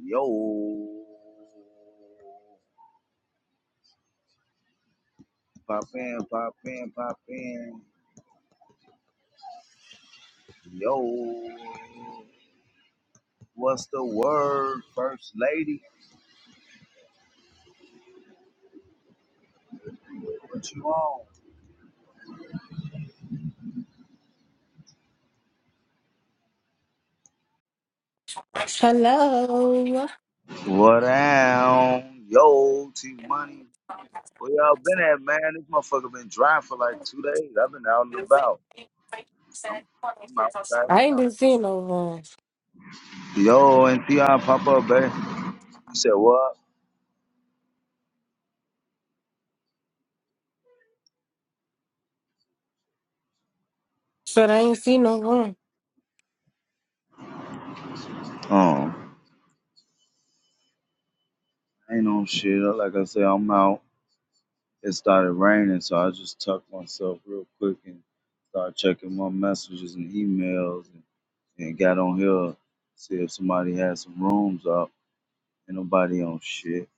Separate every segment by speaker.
Speaker 1: Yo. Pop in, pop in, pop in. Yo. What's the word, First Lady? What you on?
Speaker 2: Hello.
Speaker 1: What down? Yo, T Money. Where y'all been at, man? This motherfucker been dry for like two days. I've been out and about. I'm, I'm outside
Speaker 2: I ain't
Speaker 1: now.
Speaker 2: been seeing no one.
Speaker 1: Yo, and T.I. pop up, baby. You said what?
Speaker 2: Said I ain't seen no one.
Speaker 1: Oh, ain't no shit. Like I said, I'm out. it started raining, so I just tucked myself real quick and started checking my messages and emails and, and got on here, see if somebody had some rooms up. Ain't nobody on shit.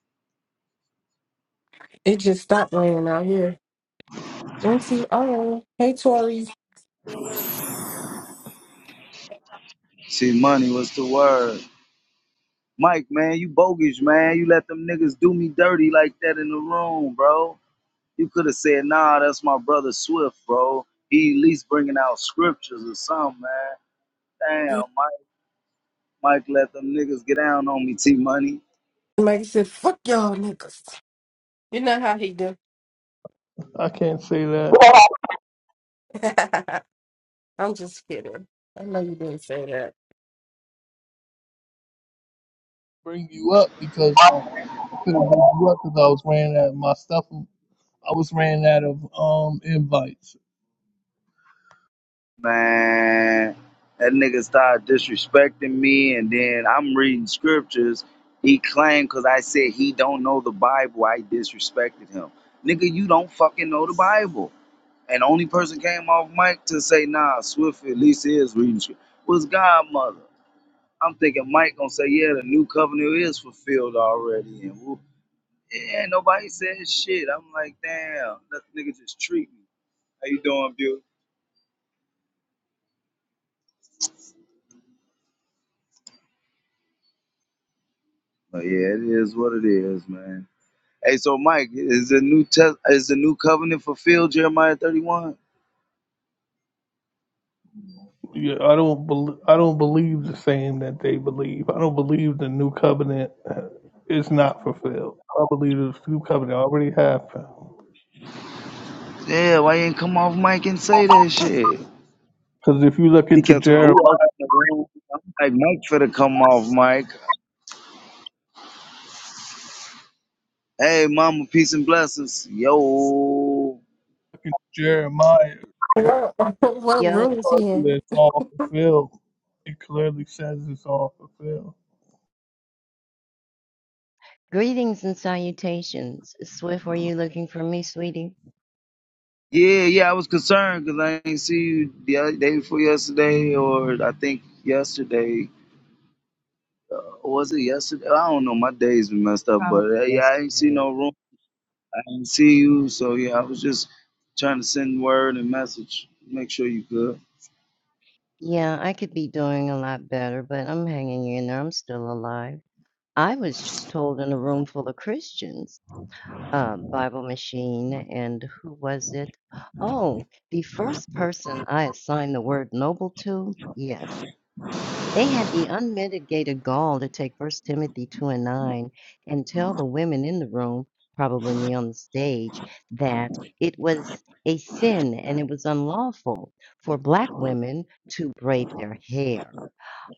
Speaker 2: It just stopped raining out here. Auntie, oh, hey, Tori.
Speaker 1: See, money was the word. Mike, man, you bogus, man. You let them niggas do me dirty like that in the room, bro. You could have said, nah, that's my brother Swift, bro. He at least bringing out scriptures or something, man. Damn, Mike, Mike let them niggas get down on me, T Money.
Speaker 2: Mike said, fuck y'all niggas. You know how he do. I'm just kidding. I know you didn't say that.
Speaker 1: man, that nigga started disrespecting me, and then I'm reading scriptures. He claimed because I said he don't know the Bible, I disrespected him. Nigga, you don't fucking know the Bible. And the only person came off mic to say, nah, Swift at least is reading scripture was Godmother. I'm thinking Mike gonna say, yeah, the new covenant is fulfilled already. And whoop. yeah, nobody said shit. I'm like, damn, that nigga just treat me. How you doing, Bill? But yeah, it is what it is, man. Hey, so Mike, is the new test is the new covenant fulfilled, Jeremiah 31? Yeah, why you ain't come off Mike and say that shit? He kept talking about who else in the room? I'm like Mike finna come off, Mike. Hey mama, peace and blessings. Yo.
Speaker 2: What, what room
Speaker 3: Yo,
Speaker 2: is he in?
Speaker 3: greetings and salutations. Swift, were you looking for me, sweetie?
Speaker 1: Yeah, yeah, I was concerned because I ain't see you the other day before yesterday or I think yesterday. Uh, was it yesterday? I don't know. My days been messed up, but
Speaker 3: Probably
Speaker 1: uh, yeah, I ain't see
Speaker 3: yesterday.
Speaker 1: no room. I didn't see you, so yeah, I was just trying to send word and message. Make sure you good.
Speaker 3: Yeah, I could be doing a lot better, but I'm hanging in there. I'm still alive. I was just told in a room full of Christians, uh, Bible Machine, and who was it? Oh, the first person I assigned the word noble to? Yes. They had the unmitigated gall to take First Timothy 2 and 9 and tell the women in the room, probably on the stage, that it was a sin and it was unlawful for Black women to braid their hair.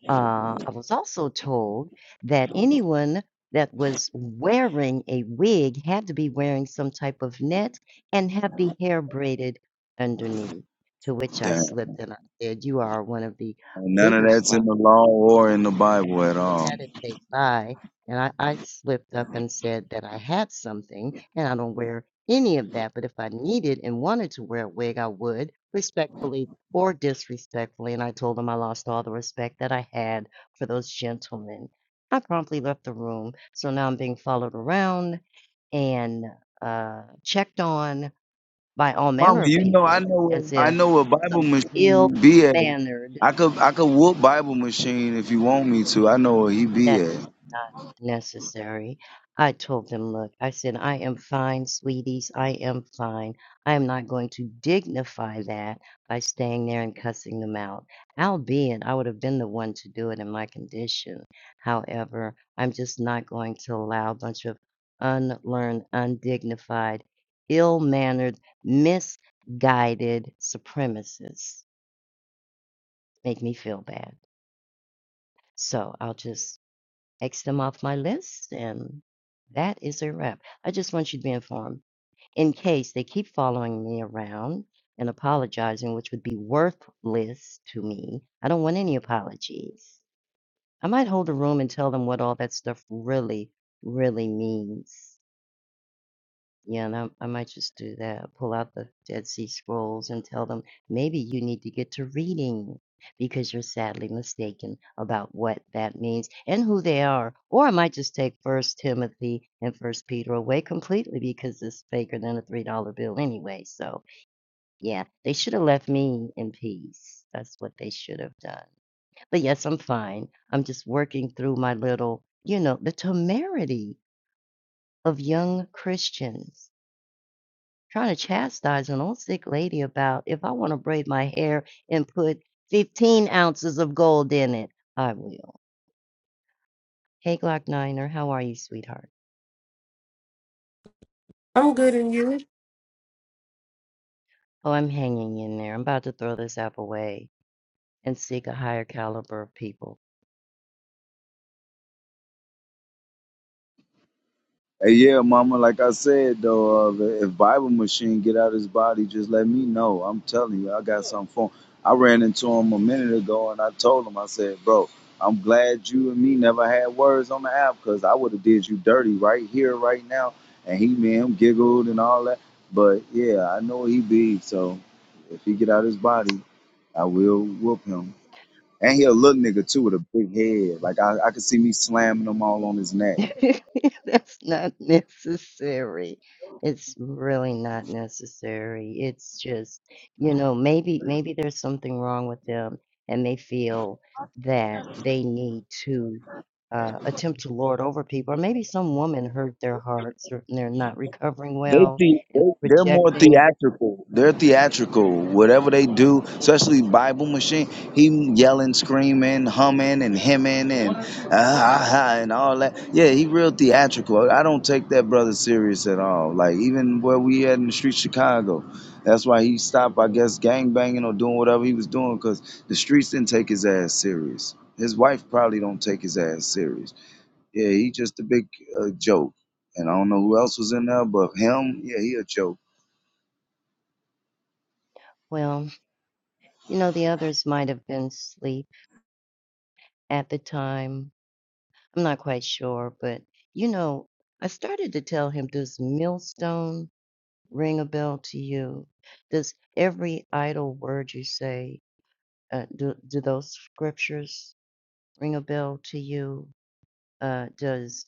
Speaker 3: Uh, I was also told that anyone that was wearing a wig had to be wearing some type of net and have the hair braided underneath, to which I
Speaker 1: Damn.
Speaker 3: slipped and I said, "You are one of the
Speaker 1: None of
Speaker 3: bigger
Speaker 1: that's
Speaker 3: sli"
Speaker 1: in the law or in the Bible at
Speaker 3: that
Speaker 1: all.
Speaker 3: that is a lie. And I, I slipped up and said that I had something and I don't wear any of that. But if I needed and wanted to wear a wig, I would respectfully or disrespectfully. And I told him I lost all the respect that I had for those gentlemen. I promptly left the room. So now I'm being followed around and uh, checked on by all
Speaker 1: Mama,
Speaker 3: manner of
Speaker 1: you know I
Speaker 3: people
Speaker 1: know what
Speaker 3: as
Speaker 1: I
Speaker 3: if
Speaker 1: know what Bible
Speaker 3: some
Speaker 1: machine
Speaker 3: ill
Speaker 1: you be at.
Speaker 3: mannered
Speaker 1: I could I could whoop Bible machine if you want me to. I know where he be
Speaker 3: That
Speaker 1: at.
Speaker 3: is not necessary. I told them, Look, I said, I am fine, sweeties. I am fine. I am not going to dignify that by staying there and cussing them out. Albeit, I would have been the one to do it in my condition. However, I'm just not going to allow a bunch of unlearned, undignified, ill mannered, misguided supremacists make me feel bad. So I'll just X them off my list, and that is a wrap. I just want you to be informed in case they keep following me around and apologizing, which would be worthless to me. I don't want any apologies. I might hold a room and tell them what all that stuff really, really means. Yeah, and I, I might just do that. Pull out the Dead Sea Scrolls and tell them maybe you need to get to reading because you're sadly mistaken about what that means and who they are. Or I might just take First Timothy and First Peter away completely because it's faker than a three dollar bill anyway. So yeah, they should have left me in peace. That's what they should have done. But yes, I'm fine. I'm just working through my little, you know, the temerity of young Christians trying to chastise an old sick lady about if I want to braid my hair and put 15 ounces of gold in it, I will. Hey, Glock Niner, how are you, sweetheart?
Speaker 2: I'm good in you.
Speaker 3: Oh, I'm hanging in there. I'm about to throw this app away and seek a higher caliber of people.
Speaker 1: Hey, yeah, Mama. Like I said, though, uh, if Bible Machine get out his body, just let me know. I'm telling you, I got something for him. I ran into him a minute ago, and I told him, I said, bro, I'm glad you and me never had words on the app, cause I would have did you dirty right here, right now. And he, man, him giggled and all that. But yeah, I know he be. So if he get out his body, I will whoop him. And he a little nigga too with a big head. Like I, I could see me slamming him all on his neck.
Speaker 3: That's not necessary. It's really not necessary. It's just, you know, maybe maybe there's something wrong with them and they feel that they need to uh, attempt to lord over people. Or maybe some woman hurt their hearts or and they're not recovering
Speaker 1: They,
Speaker 3: well
Speaker 1: the, they
Speaker 3: and
Speaker 1: they're more
Speaker 3: projecting.
Speaker 1: theatrical. They're theatrical. Whatever they do, especially Bible Machine, he yelling, screaming, humming, and hemming, and ah, ah, ah, and all that. Yeah, he real theatrical. I don't take that brother serious at all. Like even where we at in the street Chicago, that's why he stopped, I guess, gang banging or doing whatever he was doing, cause the streets didn't take his ass serious. His wife probably don't take his ass serious. Yeah, he just a big uh, joke. And I don't know who else was in there, but him, yeah, he a joke.
Speaker 3: Well, you know, the others might have been asleep at the time. I'm not quite sure, but you know, I started to tell him this millstone. ring a bell to you? Does every idle word you say, uh, do, do those scriptures ring a bell to you? Uh, does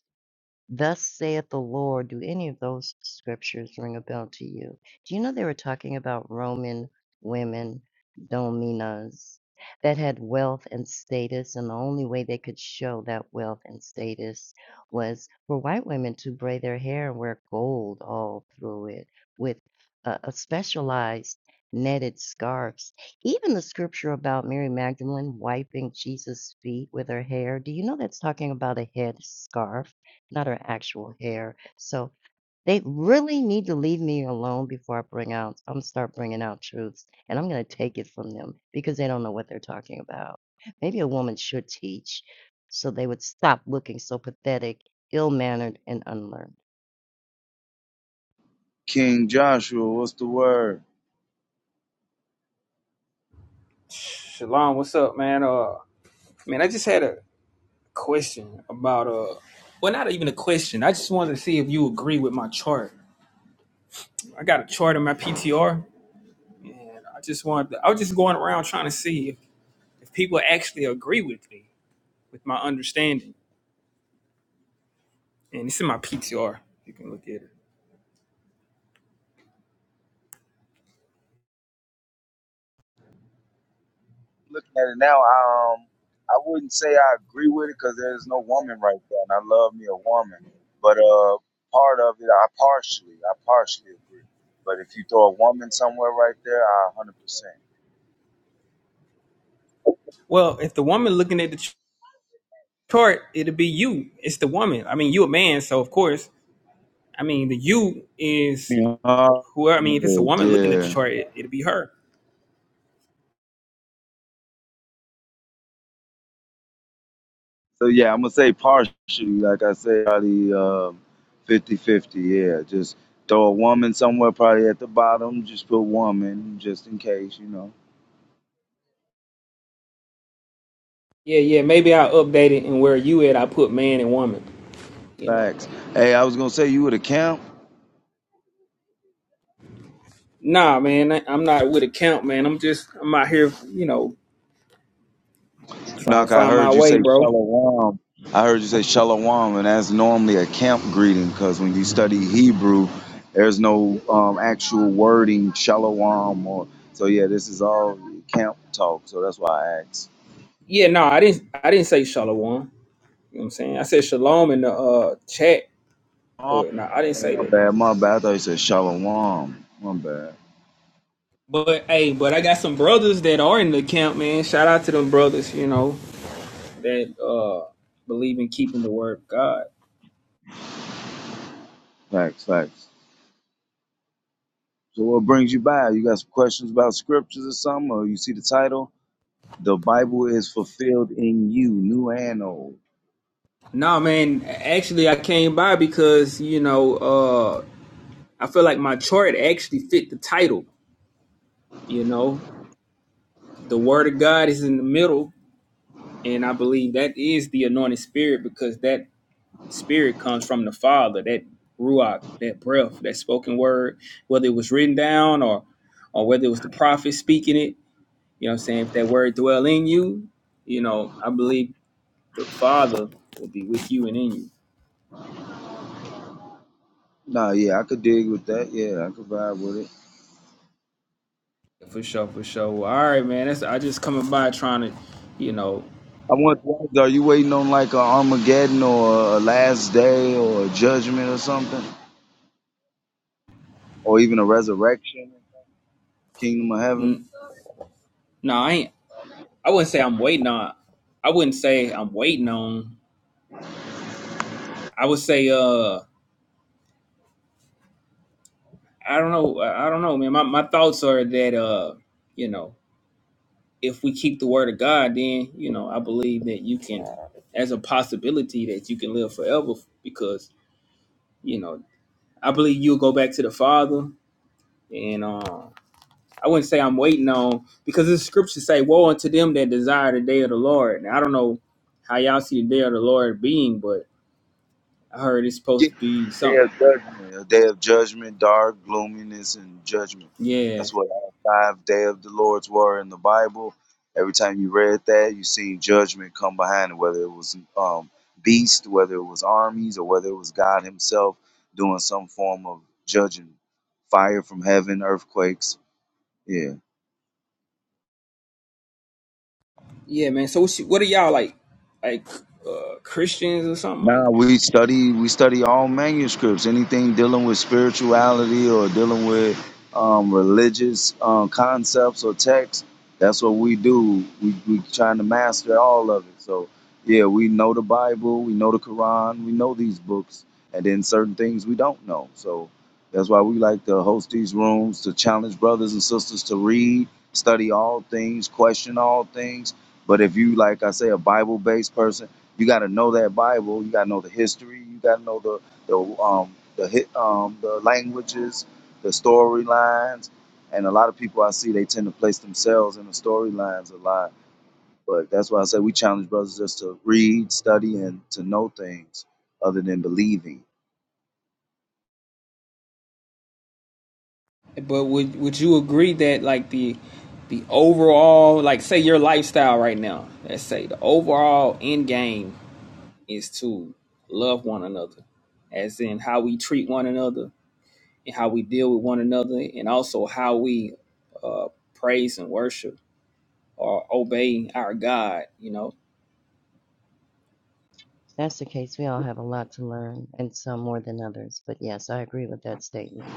Speaker 3: Thus saith the Lord. Do any of those scriptures ring a bell to you? Do you know they were talking about Roman women, dominas, that had wealth and status, and the only way they could show that wealth and status was for white women to braid their hair and wear gold all through it with a, a specialized netted scarves. Even the scripture about Mary Magdalene wiping Jesus' feet with her hair, do you know that's talking about a head scarf? not her actual hair. So they really need to leave me alone before I bring out I'm start bringing out truths, and I'm gonna take it from them because they don't know what they're talking about. Maybe a woman should teach, so they would stop looking so pathetic, ill-mannered, and unlearned.
Speaker 1: King Joshua, what's the word?
Speaker 4: Shalom, what's up, man? Uh, man, I just had a question about uh, well, not even a question. I just wanted to see if you agree with my chart. I got a chart in my PTR, and I just wanted. To, I was just going around trying to see if, if people actually agree with me with my understanding, and it's in my PTR. You can look at it.
Speaker 1: Looking at it now, um, I wouldn't say I agree with it because there's no woman right there, and I love me a woman. But uh, part of it, I partially, I partially agree. But if you throw a woman somewhere right there, I
Speaker 4: Well, if the woman looking at the ch- chart, it'll be you. It's the woman. I mean, you a man, so of course, I mean, the you is
Speaker 1: 100%.
Speaker 4: whoever. I mean, if it's a woman looking at the
Speaker 1: Yeah,
Speaker 4: chart, it, it'll be her.
Speaker 1: So yeah, I'm gonna say partially, like I said, probably uh, 50-50, Yeah, just throw a woman somewhere, probably at the bottom. Just put woman, just in case, you know.
Speaker 4: Yeah, yeah. Maybe I'll update it and where you at, I put man and woman. You know.
Speaker 1: Facts. Hey, I was gonna say you were the camp.
Speaker 4: Nah, man. I, I'm not with a count, man. I'm just I'm out here, you know, trying to
Speaker 1: Knock, I
Speaker 4: find my
Speaker 1: heard you
Speaker 4: way,
Speaker 1: say
Speaker 4: bro.
Speaker 1: shalom. I heard you say shalom, and that's normally a camp greeting because when you study Hebrew, there's no um, actual wording shalom or so. Yeah, this is all camp talk, so that's why I asked.
Speaker 4: Yeah, no, I didn't I didn't say shalom. You know what I'm saying? I said shalom in the uh chat, but no, I didn't
Speaker 1: Oh,
Speaker 4: say
Speaker 1: my
Speaker 4: that.
Speaker 1: bad, my bad. I thought you said shalom. My bad.
Speaker 4: But hey, but I got some brothers that are in the camp, man. Shout out to them brothers, you know, that uh believe in keeping the word of God.
Speaker 1: Facts, facts. So what brings you by? You got some questions about scriptures or something? Or you see the title? The Bible is fulfilled in you, new and old.
Speaker 4: Nah, man. Actually, I came by because you know uh. I feel like my chart actually fit the title. You know, the word of God is in the middle, and I believe that is the anointed spirit because that spirit comes from the Father, that ruach, that breath, that spoken word, whether it was written down or or whether it was the prophet speaking it. You know, what I'm saying if that word dwell in you, you know, I believe the Father will be with you and in you
Speaker 1: Nah, yeah, I could dig with that. Yeah, I could vibe with it.
Speaker 4: for sure, for sure. Well, all right, man. That's I just coming by trying to, you know,
Speaker 1: I want to ask, are you waiting on like a Armageddon or a last day or a judgment or something? Or even a resurrection, kingdom of heaven?
Speaker 4: n- no, I ain't. I wouldn't say I'm waiting on. I wouldn't say I'm waiting on. I would say, uh, I don't know. I don't know, man. My my thoughts are that, uh, you know, if we keep the word of God, then you know, I believe that you can, as a possibility that you can live forever, because you know, I believe you'll go back to the Father, and uh, I wouldn't say I'm waiting on because the scriptures say, "Woe unto them that desire the day of the Lord." Now, I don't know how y'all see the day of the Lord being, but I heard it's supposed
Speaker 1: Get
Speaker 4: to be
Speaker 1: the day
Speaker 4: something.
Speaker 1: of judgment, a day of judgment, dark gloominess, and judgment.
Speaker 4: Yeah,
Speaker 1: That's what all five day of the Lord's were in the Bible. Every time you read that, you seen judgment come behind it, whether it was um, beast, whether it was armies, or whether it was God Himself doing some form of judging, fire from heaven, earthquakes. Yeah.
Speaker 4: Yeah, man. So what, you, what are y'all like, like uh, Christians or something like?
Speaker 1: Now we study we study all manuscripts, anything dealing with spirituality or dealing with um, religious um, concepts or texts. That's what we do. We we trying to master all of it. So yeah, we know the Bible, we know the Quran, we know these books, and then certain things we don't know. So that's why we like to host these rooms to challenge brothers and sisters to read, study all things, question all things. But if you like I say a Bible based person you got to know that Bible. You got to know the history. You got to know the the um the hit um the languages, the storylines, and a lot of people I see they tend to place themselves in the storylines a lot. But that's why I say we challenge brothers just to read, study, and to know things other than believing.
Speaker 4: But would would you agree that like the the overall like say your lifestyle right now, let's say the overall end game is to love one another, as in how we treat one another and how we deal with one another, and also how we uh, praise and worship or obey our God. You know.
Speaker 3: If that's the case, we all have a lot to learn, and some more than others. But yes, I agree with that statement.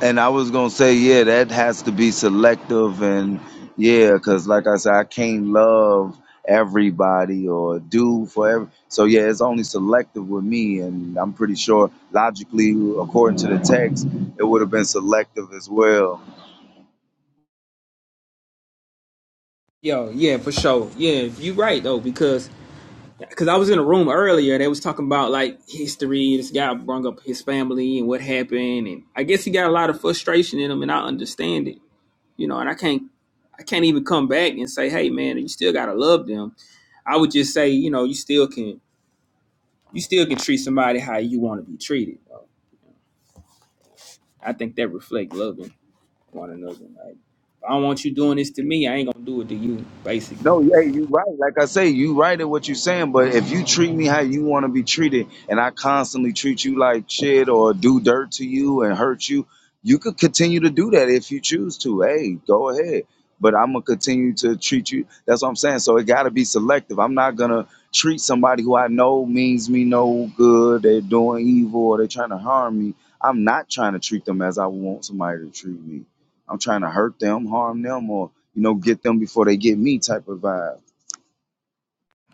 Speaker 1: And I was gonna say, yeah, that has to be selective, and yeah, because like I said, I can't love everybody or do for every. So yeah, it's only selective with me, and I'm pretty sure logically, according to the text, it would have been selective as well.
Speaker 4: Yo, yeah, for sure. Yeah, you right though because because I was in a room earlier. They was talking about like history. This guy brought up his family and what happened, and I guess he got a lot of frustration in him, and I understand it, you know. And I can't, I can't even come back and say, hey, man, you still gotta love them. I would just say, you know, you still can, you still can treat somebody how you want to be treated. I think that reflects loving one another. Like, I don't want you doing this to me. I ain't gonna do it to you, basically.
Speaker 1: No, yeah, you right. Like I say, you right in what you're saying. But if you treat me how you want to be treated, and I constantly treat you like shit or do dirt to you and hurt you, you could continue to do that if you choose to. Hey, go ahead. But I'm gonna continue to treat you. That's what I'm saying. So it gotta be selective. I'm not gonna treat somebody who I know means me no good. They're doing evil or they're trying to harm me. I'm not trying to treat them as I want somebody to treat me. I'm trying to hurt them, harm them, or you know, get them before they get me type of vibe.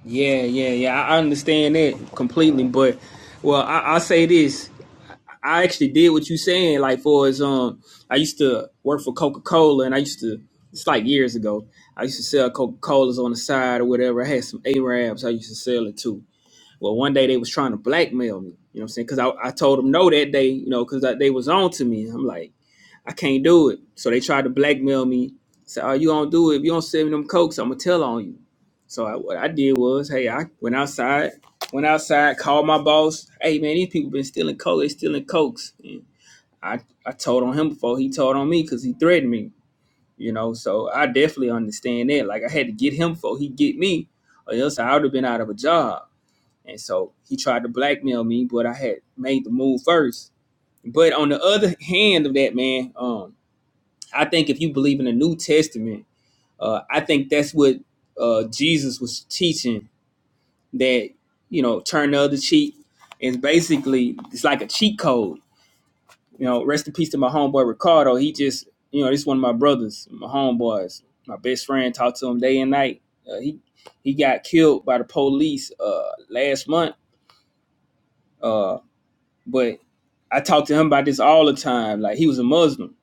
Speaker 4: Yeah, yeah, yeah. I I understand that completely, but well, I, I'll say this. I actually did what you saying. Like for as um, I used to work for Coca Cola, and I used to it's like years ago. I used to sell Coca Colas on the side or whatever. I had some Arabs I used to sell it to. Well, one day they was trying to blackmail me. You know what I'm saying? Because I, I told them no that day. You know, because they was on to me. I'm like. I can't do it. So they tried to blackmail me. Said, "Oh, you don't do it. If you don't send me them cokes, I'm gonna tell on you." So I, what I did was, hey, I went outside, went outside, called my boss. Hey, man, these people been stealing coke. They stealing cokes. And I I told on him before he told on me because he threatened me. You know, so I definitely understand that. Like I had to get him before he get me, or else I would have been out of a job. And so he tried to blackmail me, but I had made the move first. But on the other hand of that, man, um, I think if you believe in the New Testament, uh, I think that's what uh, Jesus was teaching that, you know, turn the other cheek is basically, it's like a cheat code. You know, rest in peace to my homeboy Ricardo. He just, you know, this is one of my brothers, my homeboys, my best friend, talked to him day and night. Uh, he, he got killed by the police uh, last month. Uh, but I talk to him about this all the time. Like he was a Muslim,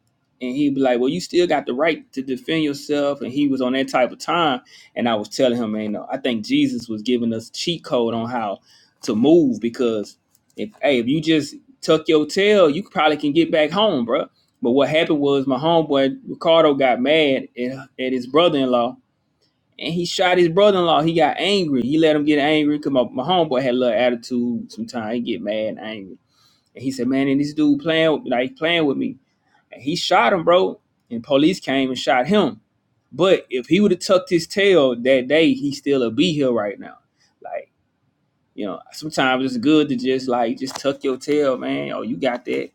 Speaker 4: and he'd be like, "Well, you still got the right to defend yourself." And he was on that type of time. And I was telling him, man, no, I think Jesus was giving us cheat code on how to move because if hey, if you just tuck your tail, you probably can get back home, bro." But what happened was my homeboy Ricardo got mad at, at his brother-in-law. And he shot his brother-in-law. He got angry. He let him get angry because my, my homeboy had a little attitude. Sometimes he get mad and angry and he said, man, and this dude playing like playing with me. And he shot him, bro. And police came and shot him. But if he would have tucked his tail that day, he still would be here right now. Like, you know, sometimes it's good to just like just tuck your tail, man. Oh, you got that.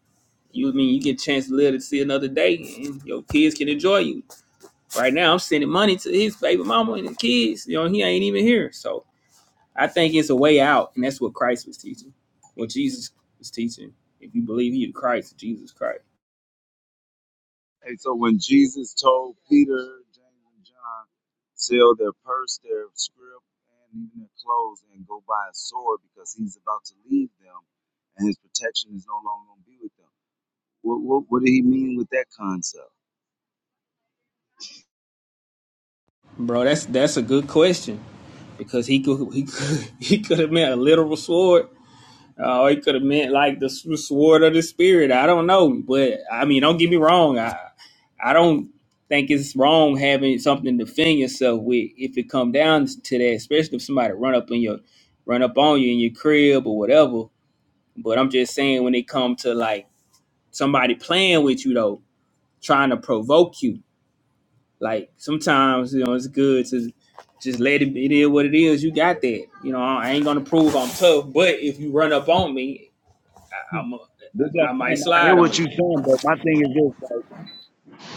Speaker 4: You mean you get a chance to live to see another day and your kids can enjoy you. Right now I'm sending money to his baby mama and the kids. You know, he ain't even here. So I think it's a way out, and that's what Christ was teaching. What Jesus was teaching. If you believe he the Christ, Jesus Christ.
Speaker 1: Hey, so when Jesus told Peter, James, and John, sell their purse, their scrip, and even their clothes, and go buy a sword because he's about to leave them, and his protection is no longer going to be with them. What, what, what did he mean with that concept?
Speaker 4: Bro, that's that's a good question because he could he could he could have meant a literal sword, uh, or he could have meant like the s- sword of the spirit. I don't know, but I mean, don't get me wrong. I I don't think it's wrong having something to defend yourself with if it come down to that, especially if somebody run up in your run up on you in your crib or whatever. But I'm just saying when it come to like somebody playing with you though, trying to provoke you Like sometimes, you know, it's good to just let it, it is what it is. You got that. You know, I ain't gonna prove I'm tough, but if you run up on me, I'm a,
Speaker 1: This is what
Speaker 4: I
Speaker 1: I'm
Speaker 4: might
Speaker 1: saying. I hear
Speaker 4: slide on
Speaker 1: what you're
Speaker 4: you.
Speaker 1: saying, but my thing is this.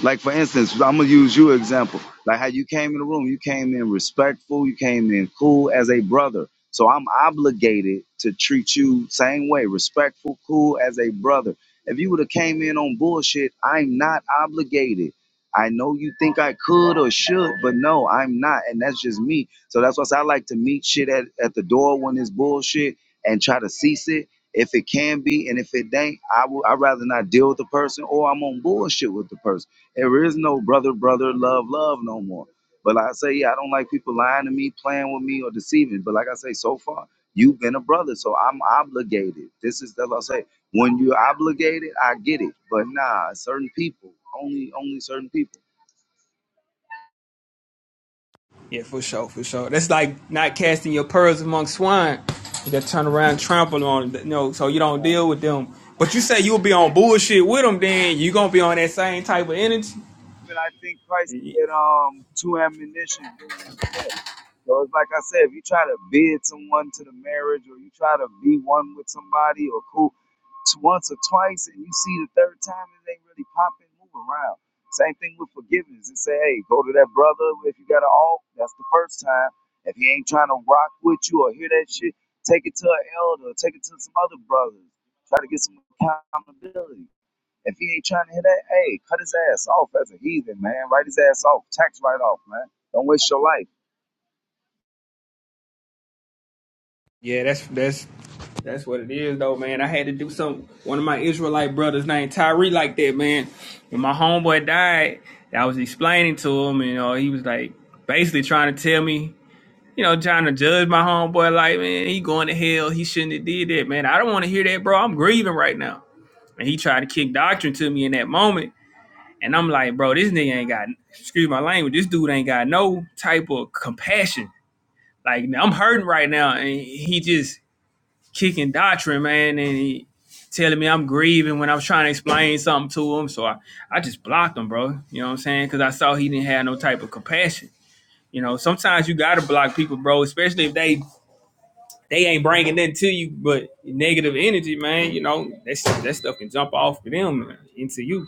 Speaker 1: Like for instance, I'm gonna use you example. Like how you came in the room, you came in respectful, you came in cool as a brother. So I'm obligated to treat you same way, respectful, cool as a brother. If you would have came in on bullshit, I'm not obligated. I know you think I could or should, but no, I'm not, and that's just me. So that's why I say I like to meet shit at, at the door when it's bullshit and try to cease it if it can be, and if it ain't, I would I rather not deal with the person or I'm on bullshit with the person. There is no brother, brother, love, love no more. But like I say, yeah, I don't like people lying to me, playing with me, or deceiving. But like I say, so far, you've been a brother, so I'm obligated. This is that's what I say. When you're obligated, I get it. But nah, certain people, only only certain people.
Speaker 4: Yeah, for sure, for sure. That's like not casting your pearls among swine. That turn around, and trample on, them, you know, so you don't deal with them. But you say you'll be on bullshit with them, then you gonna be on that same type of energy.
Speaker 1: And I think Christ had um two ammunitions. So it's like I said, if you try to bid someone to the marriage or you try to be one with somebody or cool t- once or twice and you see the third time it ain't really popping, move around. Same thing with forgiveness. And say, hey, go to that brother if you got an alt, that's the first time. If he ain't trying to rock with you or hear that shit, take it to an elder, take it to some other brothers. Try to get some accountability. If he ain't trying to hear that, hey, cut his ass off as a heathen, man. Write his ass off. Tax write off, man. Don't waste your life.
Speaker 4: Yeah, that's that's that's what it is though, man. I had to do something. One of my Israelite brothers named Tyree like that, man. When my homeboy died, I was explaining to him, and you know, he was like basically trying to tell me, you know, trying to judge my homeboy like, man, he going to hell. He shouldn't have did that, man. I don't want to hear that, bro. I'm grieving right now. And he tried to kick doctrine to me in that moment. And I'm like, bro, this nigga ain't got excuse my language, this dude ain't got no type of compassion. Like I'm hurting right now. And he just kicking doctrine, man, and he telling me I'm grieving when I was trying to explain something to him. So I, I just blocked him, bro. You know what I'm saying? Because I saw he didn't have no type of compassion. You know, sometimes you gotta block people, bro, especially if they they ain't bringing nothing to you but negative energy, man. You know, that stuff, that stuff can jump off of them and into you.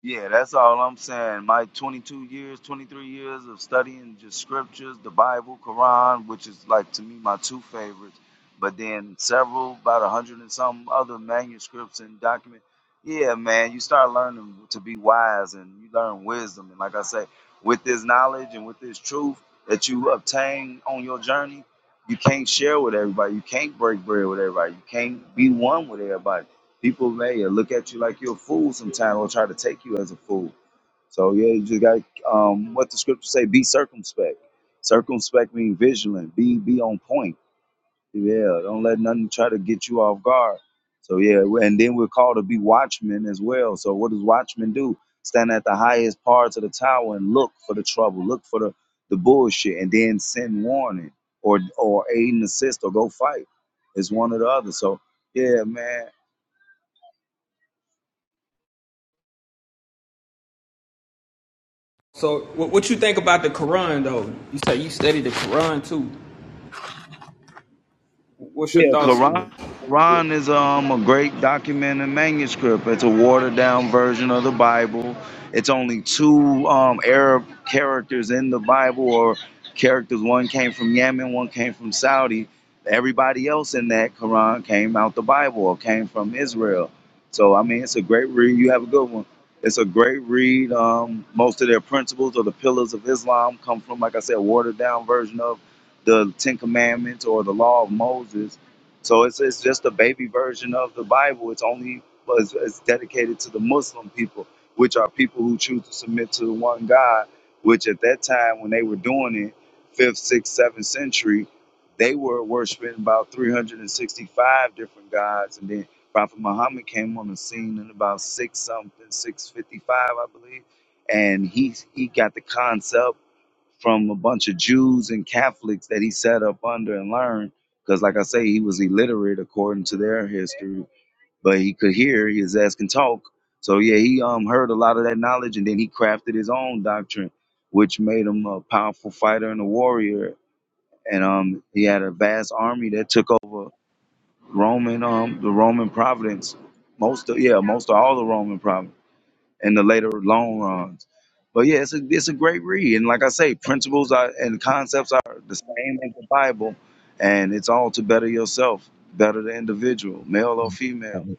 Speaker 1: Yeah, that's all I'm saying. My 22 years, 23 years of studying just scriptures, the Bible, Quran, which is like to me my two favorites, but then several, about a hundred and some other manuscripts and documents. Yeah, man, you start learning to be wise and you learn wisdom. And like I say, with this knowledge and with this truth that you obtain on your journey, you can't share with everybody. You can't break bread with everybody. You can't be one with everybody people may look at you like you're a fool sometimes or try to take you as a fool. So yeah, you just got um, what the scriptures say: be circumspect. Circumspect means vigilant. Be be on point. Yeah, don't let nothing try to get you off guard. So yeah, and then we're called to be watchmen as well. So what does watchmen do? Stand at the highest parts of the tower and look for the trouble, look for the the bullshit, and then send warning or or aid and assist or go fight. It's one or the other. So yeah, man.
Speaker 4: So, what, what you think about the Quran, though? You say you study the Quran too. What's your
Speaker 1: Yeah,
Speaker 4: thoughts on the,
Speaker 1: Quran.
Speaker 4: the book?
Speaker 1: Quran is um a great document and manuscript. It's a watered down version of the Bible. It's only two um Arab characters in the Bible, or characters. One came from Yemen, one came from Saudi. Everybody else in that Quran came out the Bible or came from Israel. So I mean, it's a great read. You have a good one. It's a great read. Um, most of their principles or the pillars of Islam come from, like I said, watered down version of the Ten Commandments or the Law of Moses so it's, it's just a baby version of the Bible. It's only well, it's, it's dedicated to the Muslim people, which are people who choose to submit to the one God. Which at that time, when they were doing it, fifth, sixth, seventh century, they were worshiping about 365 different gods, and then Prophet Muhammad came on the scene in about six something, 655, I believe, and he he got the concept from a bunch of Jews and Catholics that he set up under and learned. Because, like I say, he was illiterate according to their history, but he could hear, his ass can talk. So yeah, he um heard a lot of that knowledge, and then he crafted his own doctrine, which made him a powerful fighter and a warrior. And um, he had a vast army that took over Roman um the Roman province, most of yeah most of all the Roman province in the later long runs. But yeah, it's a it's a great read, and like I say, principles are, and concepts are the same as the Bible, and it's all to better yourself, better the individual, male or female.
Speaker 5: And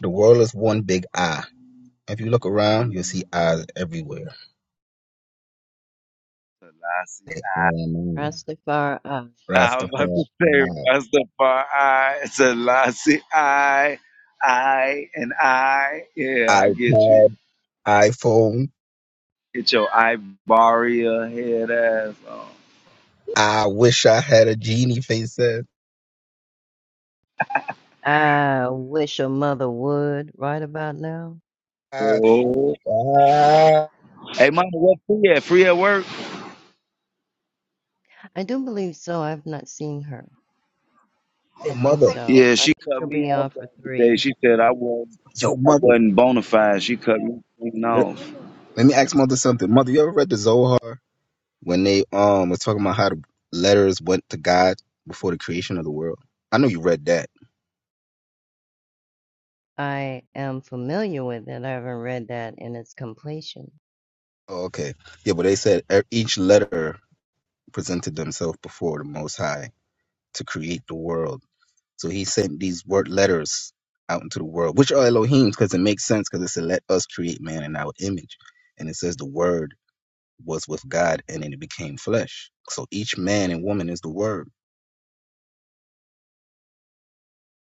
Speaker 5: the world is one big eye. If you look around, you'll see eyes everywhere.
Speaker 1: Selassie,
Speaker 5: Amen.
Speaker 3: Rastafari,
Speaker 1: I am about
Speaker 5: Rastafari.
Speaker 1: to say Rastafari, Selassie, I, I, and I. Yeah, I get you.
Speaker 5: iPad, iPhone.
Speaker 1: Get your Ibaria head ass on.
Speaker 5: I wish I had a genie face said.
Speaker 3: I wish a mother would right about now.
Speaker 5: Ah,
Speaker 1: Oh.
Speaker 5: ah.
Speaker 1: Hey, mama, what free at? Free at work?
Speaker 3: I do believe so. I've not seen her.
Speaker 5: Hey,
Speaker 3: I think
Speaker 5: mother.
Speaker 3: so.
Speaker 1: Yeah,
Speaker 3: I
Speaker 1: she
Speaker 3: think
Speaker 1: cut
Speaker 3: she'll
Speaker 1: me
Speaker 3: be on
Speaker 1: off the
Speaker 3: for
Speaker 1: other day.
Speaker 3: 3.
Speaker 1: She said I wasn't
Speaker 5: Yo,
Speaker 1: I
Speaker 5: mother.
Speaker 1: wasn't bona fide. She cut me clean
Speaker 5: Let
Speaker 1: off.
Speaker 5: let me ask mother something. Mother, you ever read the Zohar when they um was talking about how the letters went to God before the creation of the world? I know you read that.
Speaker 3: I am familiar with it, I haven't read that in its completion.
Speaker 5: Oh, okay. Yeah, but they said e- each letter presented themselves before the Most High to create the world. So he sent these word letters out into the world, which are Elohim's, because it makes sense, because it said, "Let us create man in our image," and it says the word was with God, and then it became flesh. So each man and woman is the word.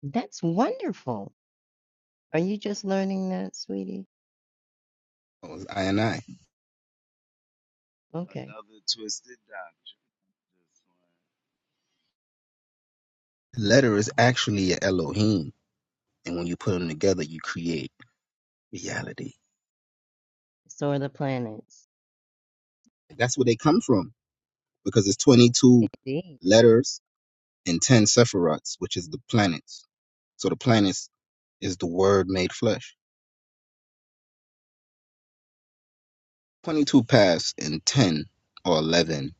Speaker 3: That's wonderful! Are you just learning that, sweetie?
Speaker 5: It was I and I.
Speaker 3: Okay.
Speaker 1: Another twisted
Speaker 5: Letter is actually a Elohim, and when you put them together, you create reality.
Speaker 3: So are the planets.
Speaker 5: That's where they come from, because it's 22
Speaker 3: Indeed.
Speaker 5: letters and 10 sephirots, which is the planets. So the planets is the word made flesh. 22 paths and 10 or 11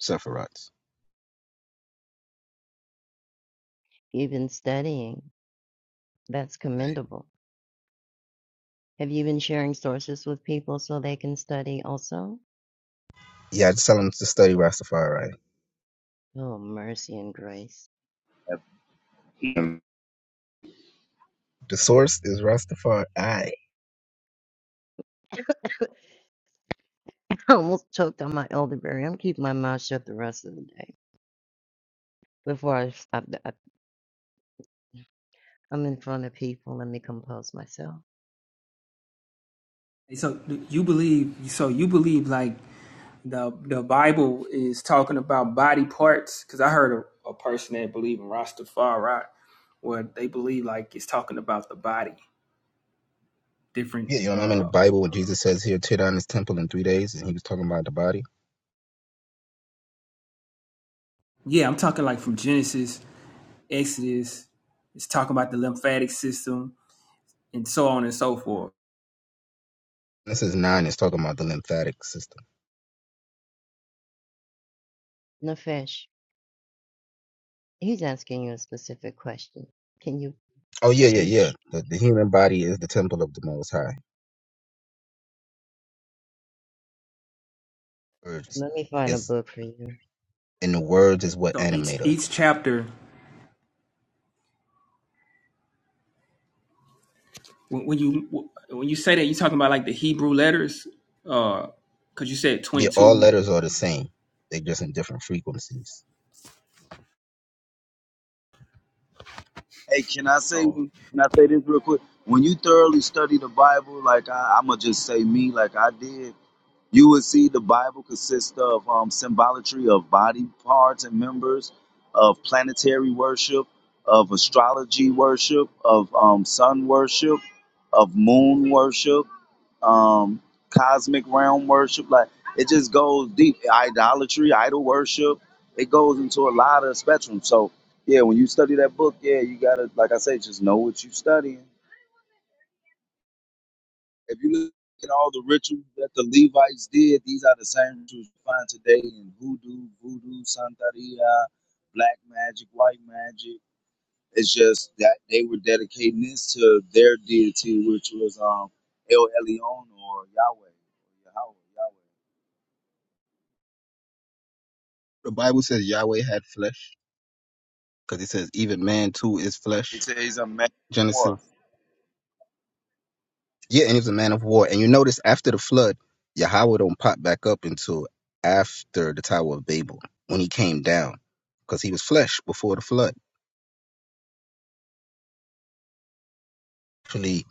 Speaker 5: Sephiroths.
Speaker 3: You've been studying. That's
Speaker 5: Right.
Speaker 3: commendable. Have you been sharing sources with people so they can study also?
Speaker 5: Yeah, I just tell them to study Rastafari. right?
Speaker 3: Oh, mercy and grace.
Speaker 1: doctrine.
Speaker 5: The source is Rastafari. Yeah,
Speaker 3: I almost choked on my elderberry. I'm keeping my mouth shut the rest of the day before I, I, I I'm in front of people. Let me compose myself.
Speaker 4: Hey, So you believe? So you believe like the the Bible is talking about body parts? Because I heard a, a person that believe in Rastafari, where they believe like it's talking about the body, different.
Speaker 5: you know I'm in the
Speaker 4: uh
Speaker 5: Bible when Jesus says he'll tear down his temple in three days and he was talking about the body?
Speaker 4: Yeah, I'm talking like from Genesis, Exodus. It's talking about the lymphatic system and so on and so forth.
Speaker 5: This is 9 It's talking about the lymphatic system.
Speaker 3: Nafesh, he's asking you a specific question. Can you
Speaker 5: Oh, yeah, yeah, yeah.
Speaker 3: teach?
Speaker 5: The, the human body is the temple of the Most High. Words
Speaker 3: Let me find a
Speaker 5: is,
Speaker 3: book for you.
Speaker 5: and the words is what
Speaker 4: So each
Speaker 5: animate us.
Speaker 4: each chapter, when, when you when you say that, you're talking about like the Hebrew letters, because you said
Speaker 5: Yeah, all
Speaker 4: 22.
Speaker 5: letters are the same. They're just in different frequencies.
Speaker 1: Hey, can I say
Speaker 4: Oh.
Speaker 1: can I say this real quick? When you thoroughly study the Bible, like I, I'ma just say me, like I did. You would see the Bible consists of um, symbolatry of body parts and members, of planetary worship, of astrology worship, of um, sun worship, of moon worship, um, cosmic realm worship. Like it just goes deep. Idolatry, idol worship. It goes into a lot of spectrum. So yeah, when you study that book, yeah, you gotta, like I say, just know what you studying. If you look at all the rituals that the Levites did, these are the same rituals you find today in hoodoo, voodoo, santeria, black magic, white magic. It's just that they were dedicating this to their deity, which was um El Elyon or Yahweh, Yahweh, Yahweh.
Speaker 5: The Bible says Yahweh had flesh because it says even man too is flesh.
Speaker 1: It says a man of
Speaker 5: Genesis.
Speaker 1: war.
Speaker 5: Yeah, and he was a man of war. And you notice after the flood, Yahweh don't pop back up until after the Tower of Babel when he came down because he was flesh before the flood. Actually,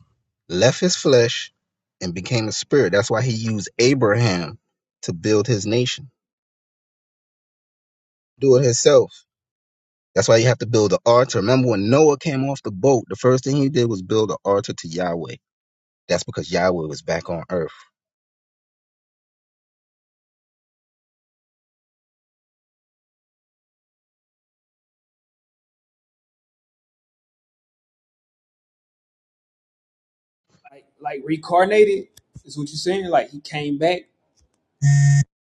Speaker 5: left his flesh and became a spirit. That's why he used Abraham to build his nation. Do it himself. That's why you have to build an altar. Remember when Noah came off the boat, the first thing he did was build an altar to Yahweh. That's because Yahweh was back on earth.
Speaker 4: like like reincarnated is what you're saying. Like he came back,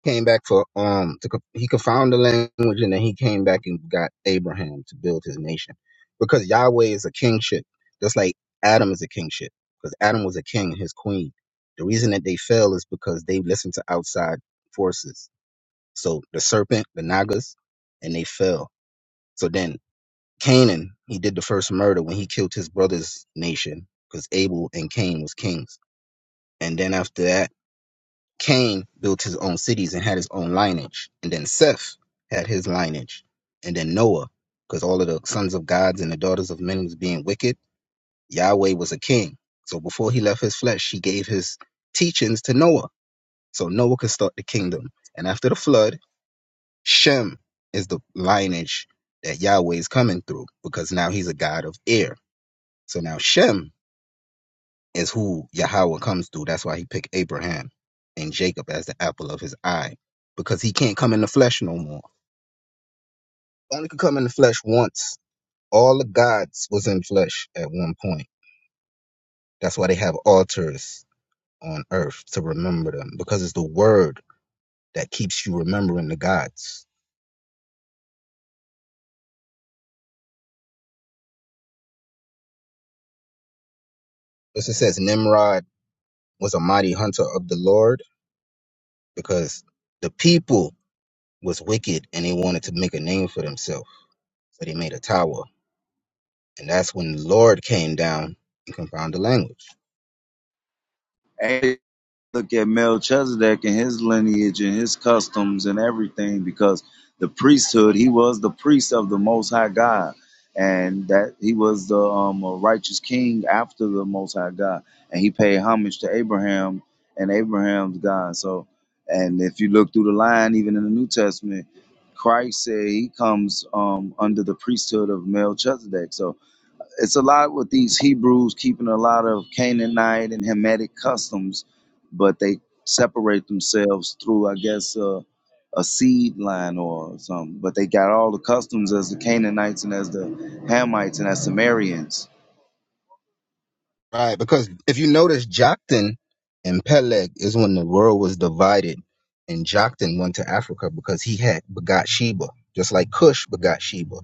Speaker 5: came back for um to, co- he could found the language and then he came back and got Abraham to build his nation because Yahweh is a kingship just like Adam is a kingship because Adam was a king and his queen the reason that they fell is because they listened to outside forces so the serpent the Nagas and they fell so then Canaan he did the first murder when he killed his brother's nation because Abel and Cain was kings and then after that Cain built his own cities and had his own lineage, and then Seth had his lineage, and then Noah, because all of the sons of gods and the daughters of men was being wicked. Yahweh was a king, so before he left his flesh, he gave his teachings to Noah, so Noah could start the kingdom. And after the flood, Shem is the lineage that Yahweh is coming through, because now he's a god of air. So now Shem is who Yahweh comes through. That's why he picked Abraham and Jacob as the apple of his eye because he can't come in the flesh no more. Only could come in the flesh once. All the gods was in flesh at one point. That's why they have altars on earth to remember them because it's the word that keeps you remembering the gods. As it says, Nimrod was a mighty hunter of the Lord because the people was wicked and they wanted to make a name for themselves. So they made a tower And that's when the Lord came down and confounded the language.
Speaker 1: And look at Melchizedek and his lineage and his customs and everything because the priesthood, he was the priest of the Most High God. And that he was the um, a righteous king after the Most High God. And he paid homage to Abraham and Abraham's God. So, and if you look through the line, even in the New Testament, Christ said he comes um, under the priesthood of Melchizedek. So it's a lot with these Hebrews keeping a lot of Canaanite and Hamitic customs, but they separate themselves through, I guess, uh, a seed line or something. But they got all the customs as the Canaanites and as the Hamites and as Sumerians.
Speaker 5: Right, because if you notice, Joktan and Peleg is when the world was divided, and Joktan went to Africa because he had begot Sheba, just like Cush begot Sheba.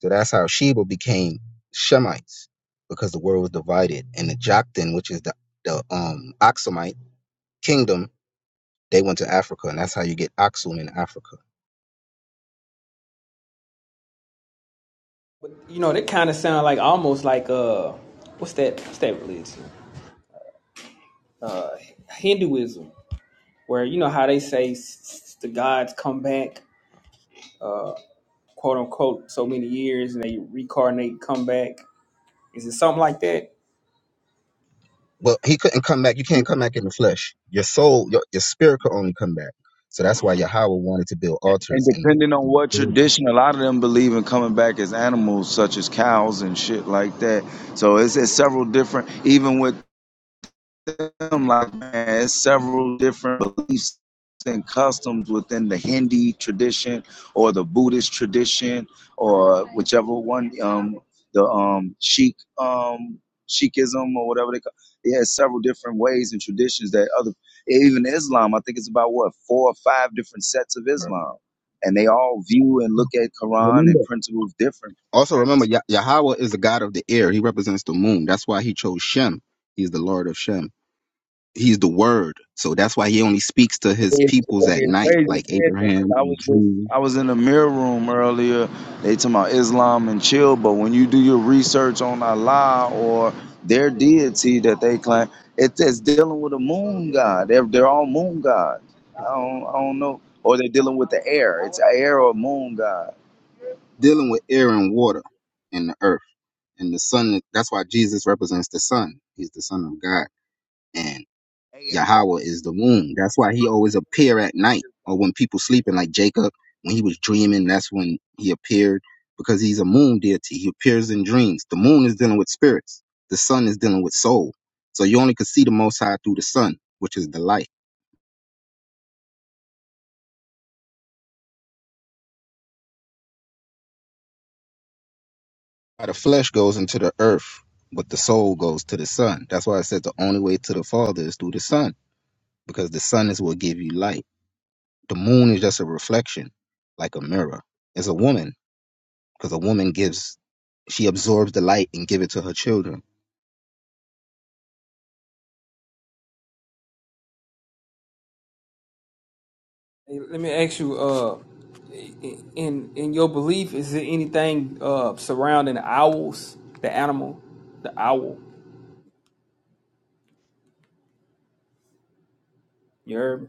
Speaker 5: So that's how Sheba became Shemites, because the world was divided, and the Joktan, which is the the um Aksumite kingdom, they went to Africa, and that's how you get Aksum in Africa.
Speaker 4: but you know that kind of sound like almost like uh, what's that? What's that religion? Hinduism, where you know how they say s- s- the gods come back, quote unquote, so many years and they reincarnate, come back. Is it something like that?
Speaker 5: Well, he couldn't come back. You can't come back in the flesh. Your soul, your, your spirit could only come back. So that's why Yahweh wanted to build
Speaker 1: And
Speaker 5: altars and
Speaker 1: depending on
Speaker 5: and
Speaker 1: what
Speaker 5: build them,
Speaker 1: tradition, a lot of them believe in coming back as animals, such as cows and shit like that. So it's, it's several different, even with them, like man, it's several different beliefs and customs within the Hindi tradition or the Buddhist tradition or whichever one, um, the um, Sikh um, Sikhism or whatever they call. It It has several different ways and traditions that other, even Islam. I think it's about what four or five different sets of
Speaker 5: bro.
Speaker 1: Islam, and they all view and look at Quran
Speaker 5: Remember.
Speaker 1: and principles different.
Speaker 5: Also, remember, Yah- Yahweh is the God of the air. He represents the moon. That's why he chose Shem. He's the Lord of Shem. He's the Word. So that's why he only speaks to his
Speaker 1: It's
Speaker 5: peoples at
Speaker 1: it's
Speaker 5: night,
Speaker 1: crazy you
Speaker 5: like
Speaker 1: said that
Speaker 5: Abraham
Speaker 1: 'cause I was
Speaker 5: and
Speaker 1: just
Speaker 5: Jude,
Speaker 1: I was in the mirror room earlier. They talking about Islam and chill, but when you do your research on Allah or their deity that they claim, it's, it's dealing with a moon god. They're they're all moon gods. I don't I don't know, or they're dealing with the air. It's air or moon god.
Speaker 5: dealing with air and water and the earth and the sun. That's why Jesus represents the sun. He's the Son of God.
Speaker 1: Hey, and both.
Speaker 5: Yahweh is the moon. That's why he always appear at night or when people sleeping, like Jacob, when he was dreaming, that's when he appeared because he's a moon deity. He appears in dreams. The moon is dealing with spirits. The sun is dealing with soul. So you only could see the Most High through the sun, which is the light. Uh, The flesh goes into the earth, but the soul goes to the sun. That's why I said the only way to the Father is through the sun because the sun is what give you light. The moon is just a reflection, like a mirror. It's a woman. because a woman gives she absorbs the light and give it to her children.
Speaker 4: Hey, Let me ask you, uh, i- in in your belief, is there anything uh surrounding owls, the animal, the owl? You heard me?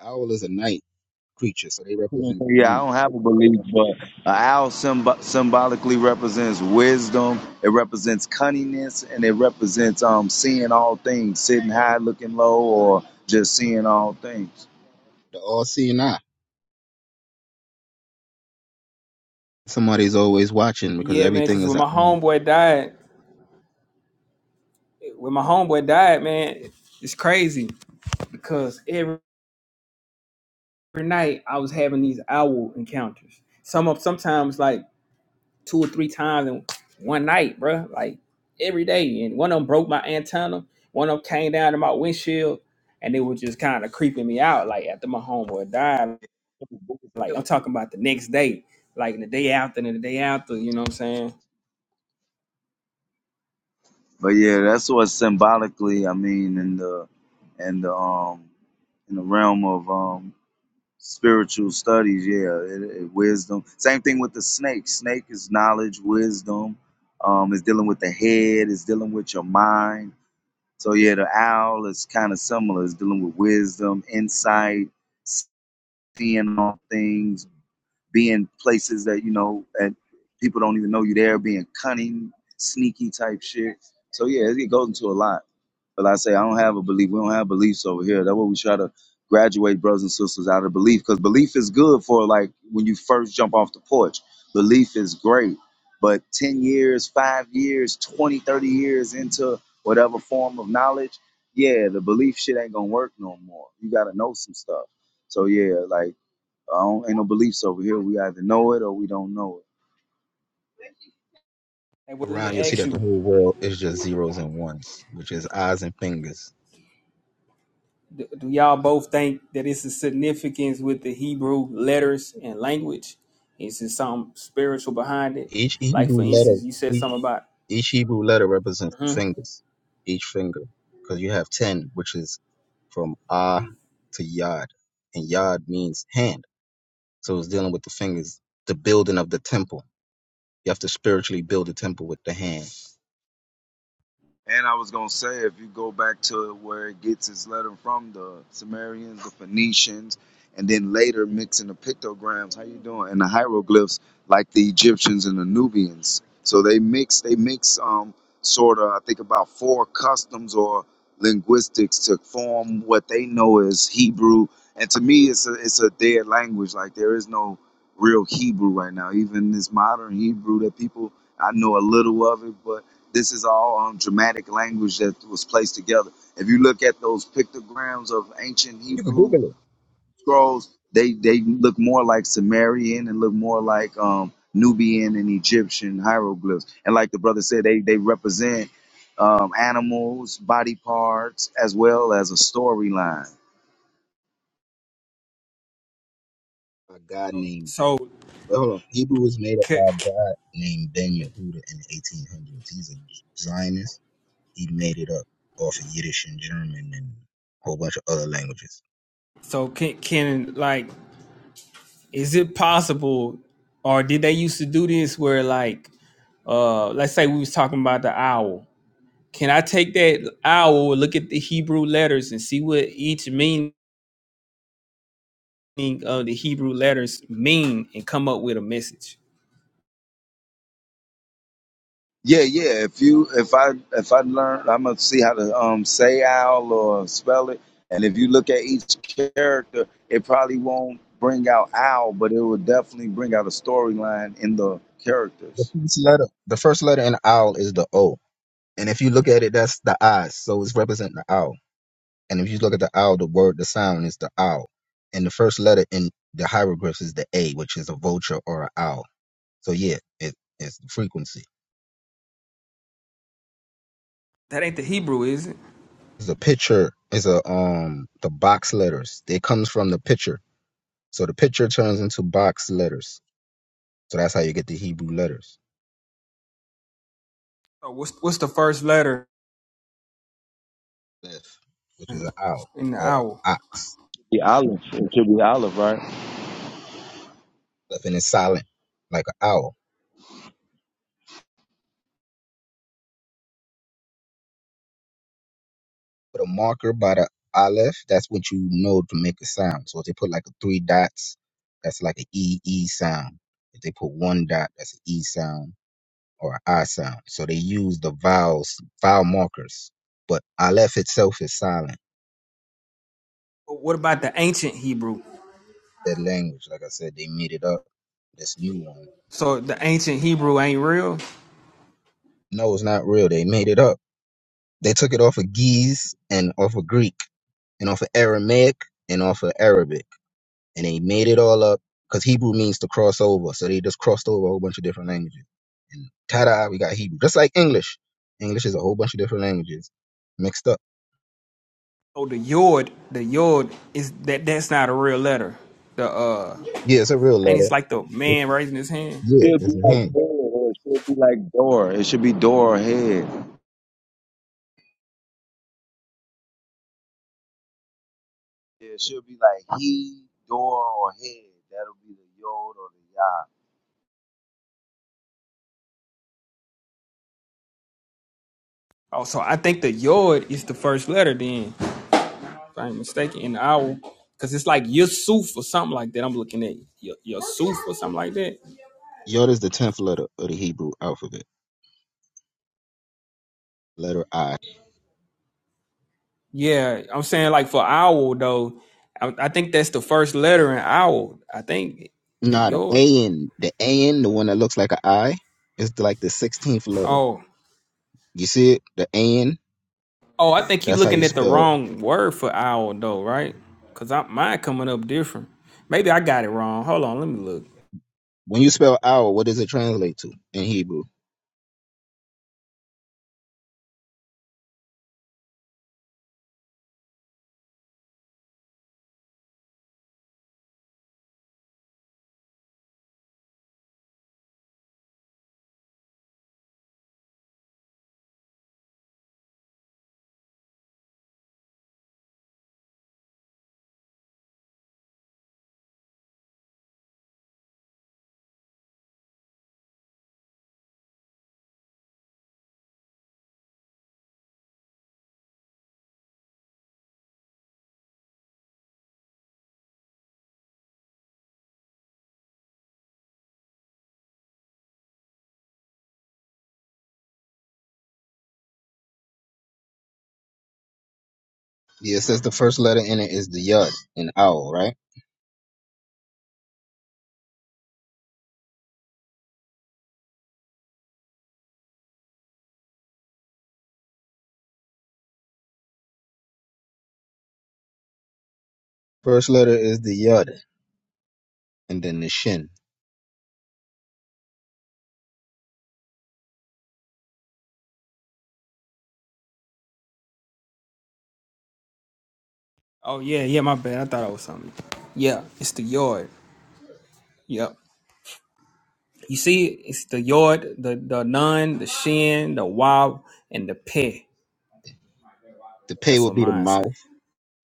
Speaker 5: Owl is a night creature, so they represent the
Speaker 1: Yeah, I
Speaker 5: moon,
Speaker 1: don't have a belief, but an owl symb- symbolically represents wisdom. It represents cunningness, and it represents um seeing all things, sitting high, looking low, or just seeing all things.
Speaker 5: the all-seeing eye. Somebody's always watching because
Speaker 4: Yeah, man.
Speaker 5: everything
Speaker 4: Because
Speaker 5: is
Speaker 4: when
Speaker 5: at
Speaker 4: my
Speaker 5: once.
Speaker 4: homeboy died. when my homeboy died, man, it's crazy because every, every night I was having these owl encounters. Some of sometimes like two or three times in one night, bro. Like every day, and one of them broke my antenna. One of them came down to my windshield, and they were just kind of creeping me out. Like after my homeboy died, like I'm talking about the next day, like the day after and the day after. You know what I'm saying?
Speaker 1: But yeah, that's what symbolically. I mean, in the in the um in the realm of um spiritual studies, yeah, it, it, wisdom. Same thing with the snake. Snake is knowledge, wisdom. Um, it's dealing with the head. It's dealing with your mind So yeah, the owl is kind of similar. It's dealing with wisdom, insight, seeing all things, being places that you know that people don't even know you there, being cunning, sneaky type shit. So yeah, it goes into a lot. But like I say, I don't have a belief. We don't have beliefs over here. That's what we try to graduate brothers and sisters out of belief because belief is good for like when you first jump off the porch. Belief is great. But 10 years, five years, 20, 30 years into whatever form of knowledge, yeah, the belief shit ain't gonna work no more. You gotta know some stuff. So yeah, like I don't, ain't no beliefs over here. We either know it or we don't know it.
Speaker 4: Hey, well, let me
Speaker 5: around. You'll see
Speaker 4: ask
Speaker 5: that the
Speaker 4: you.
Speaker 5: whole world is just zeros and ones, which is eyes and fingers.
Speaker 4: Do do y'all both think that it's a significance with the Hebrew letters and language? Is there something spiritual behind it?
Speaker 5: Each
Speaker 4: Like for
Speaker 5: Hebrew letter,
Speaker 4: instance, you said something
Speaker 5: each,
Speaker 4: about
Speaker 5: each Hebrew letter represents the
Speaker 4: hmm
Speaker 5: fingers, each finger, because you have ten, which is from ah to yod, and yod means hand. So it's dealing with the fingers, the building of the temple You have to spiritually build a temple with the hand.
Speaker 1: And I was gonna say, if you go back to where it gets its letter from, the Sumerians, the Phoenicians, and then later mixing the pictograms, how you doing, and the hieroglyphs, like the Egyptians and the Nubians. So they mix, they mix, um, sort of, I think about four customs or linguistics to form what they know as Hebrew. And to me, it's a it's a dead language. Like there is no real Hebrew right now. Even this modern Hebrew that people I know a little of it, but this is all um, dramatic language that was placed together. If you look at those pictograms of ancient
Speaker 5: You can
Speaker 1: Hebrew
Speaker 5: Google it.
Speaker 1: scrolls, they, they look more like Sumerian and look more like um, Nubian and Egyptian hieroglyphs. And like the brother said, they, they represent um, animals, body parts, as well as a storyline.
Speaker 5: A god named
Speaker 4: so
Speaker 5: well, hold on. Hebrew was made up by
Speaker 4: c-
Speaker 5: a
Speaker 4: c-
Speaker 5: god named Ben Yehuda in the 1800s. He's a Zionist. He made it up off of Yiddish and German and a whole bunch of other languages.
Speaker 4: so can can like is it possible or did they used to do this where like uh let's say we was talking about the owl. Can I take that owl, look at the Hebrew letters and see what each meaning of the Hebrew letters mean and come up with a message?
Speaker 1: Yeah, yeah. If you if I if I learn, I'm gonna see how to um say owl or spell it. And if you look at each character, it probably won't bring out owl, but it will definitely bring out a storyline in the
Speaker 5: The
Speaker 1: characters.
Speaker 5: first letter, the first letter in owl is the O, and if you look at it, that's the I. So it's representing the owl. And if you look at the owl, the word, the sound is the owl, and the first letter in the hieroglyphs is the A, which is a vulture or an owl. So yeah, it, it's the frequency.
Speaker 4: That ain't the Hebrew, is it?
Speaker 5: is a picture is a um the box letters. It comes from the picture. So the picture turns into box letters. So that's how you get the Hebrew letters.
Speaker 4: So what's what's the first letter
Speaker 5: Left, which is an owl
Speaker 4: in the
Speaker 5: or
Speaker 4: owl?
Speaker 5: ox.
Speaker 1: Be Olive. It should be Olive, right?
Speaker 5: Left and it's silent, like an owl. But a marker by the aleph, that's what you know to make a sound. So if they put like three dots, that's like an E E sound. If they put one dot, that's an E sound or an I sound. So they use the vowels, vowel markers. But aleph itself is silent.
Speaker 4: What about the ancient Hebrew?
Speaker 5: that language. Like I said, they made it up. This new one.
Speaker 4: So the ancient Hebrew ain't real.
Speaker 5: No, it's not real. They made it up. They took it off of Geese and off of Greek and off of Aramaic and off of Arabic. And they made it all up because Hebrew means to cross over. So they just crossed over a whole bunch of different languages. And ta da, we got Hebrew. Just like English. English is a whole bunch of different languages mixed up.
Speaker 4: So the yod, the yod is that that's not a real letter. The uh,
Speaker 5: Yeah, it's a real
Speaker 4: and
Speaker 5: letter.
Speaker 4: it's like the
Speaker 5: It-
Speaker 4: man raising his hand.
Speaker 5: yeah,
Speaker 1: She'll
Speaker 5: it's
Speaker 1: be
Speaker 5: a
Speaker 1: like
Speaker 5: hand.
Speaker 1: Dora, or it should be like Dora. It should be Dora or head. Yeah, it should be like he, Dora, or head. That'll be the yod or the yah.
Speaker 4: Oh, so I think the yod is the first letter then, if I ain't mistaken, in the owl, because it's like Yusuf or something like that. I'm looking at Y- Yusuf or something like that.
Speaker 5: Yod is the 10th letter of the Hebrew alphabet, letter I.
Speaker 4: Yeah, I'm saying like for owl though, I, I think that's the first letter in owl. I think the
Speaker 5: Not the
Speaker 4: yod.
Speaker 5: A N. The A N, the one that looks like an I, is the- like the sixteenth letter.
Speaker 4: Oh,
Speaker 5: You see it? The A N.
Speaker 4: oh, I think you
Speaker 5: That's how
Speaker 4: looking
Speaker 5: you
Speaker 4: at the
Speaker 5: spell.
Speaker 4: wrong word for owl though, right? Cause I mine coming up different. Maybe I got it wrong. Hold on, let me look.
Speaker 5: When you spell owl, what does it translate to in Hebrew? Yeah, it says the first letter in it is the yud in owl, right? First letter is the yud, and then the shin.
Speaker 4: Oh yeah, yeah, my bad. I thought it was something. Yeah, it's the yard. Yep. You see, it? it's the yard, the the nun, the shin, the wob, and the pe.
Speaker 5: The pay
Speaker 4: That's
Speaker 5: will
Speaker 4: what
Speaker 5: be the
Speaker 4: mine say.
Speaker 5: mouth.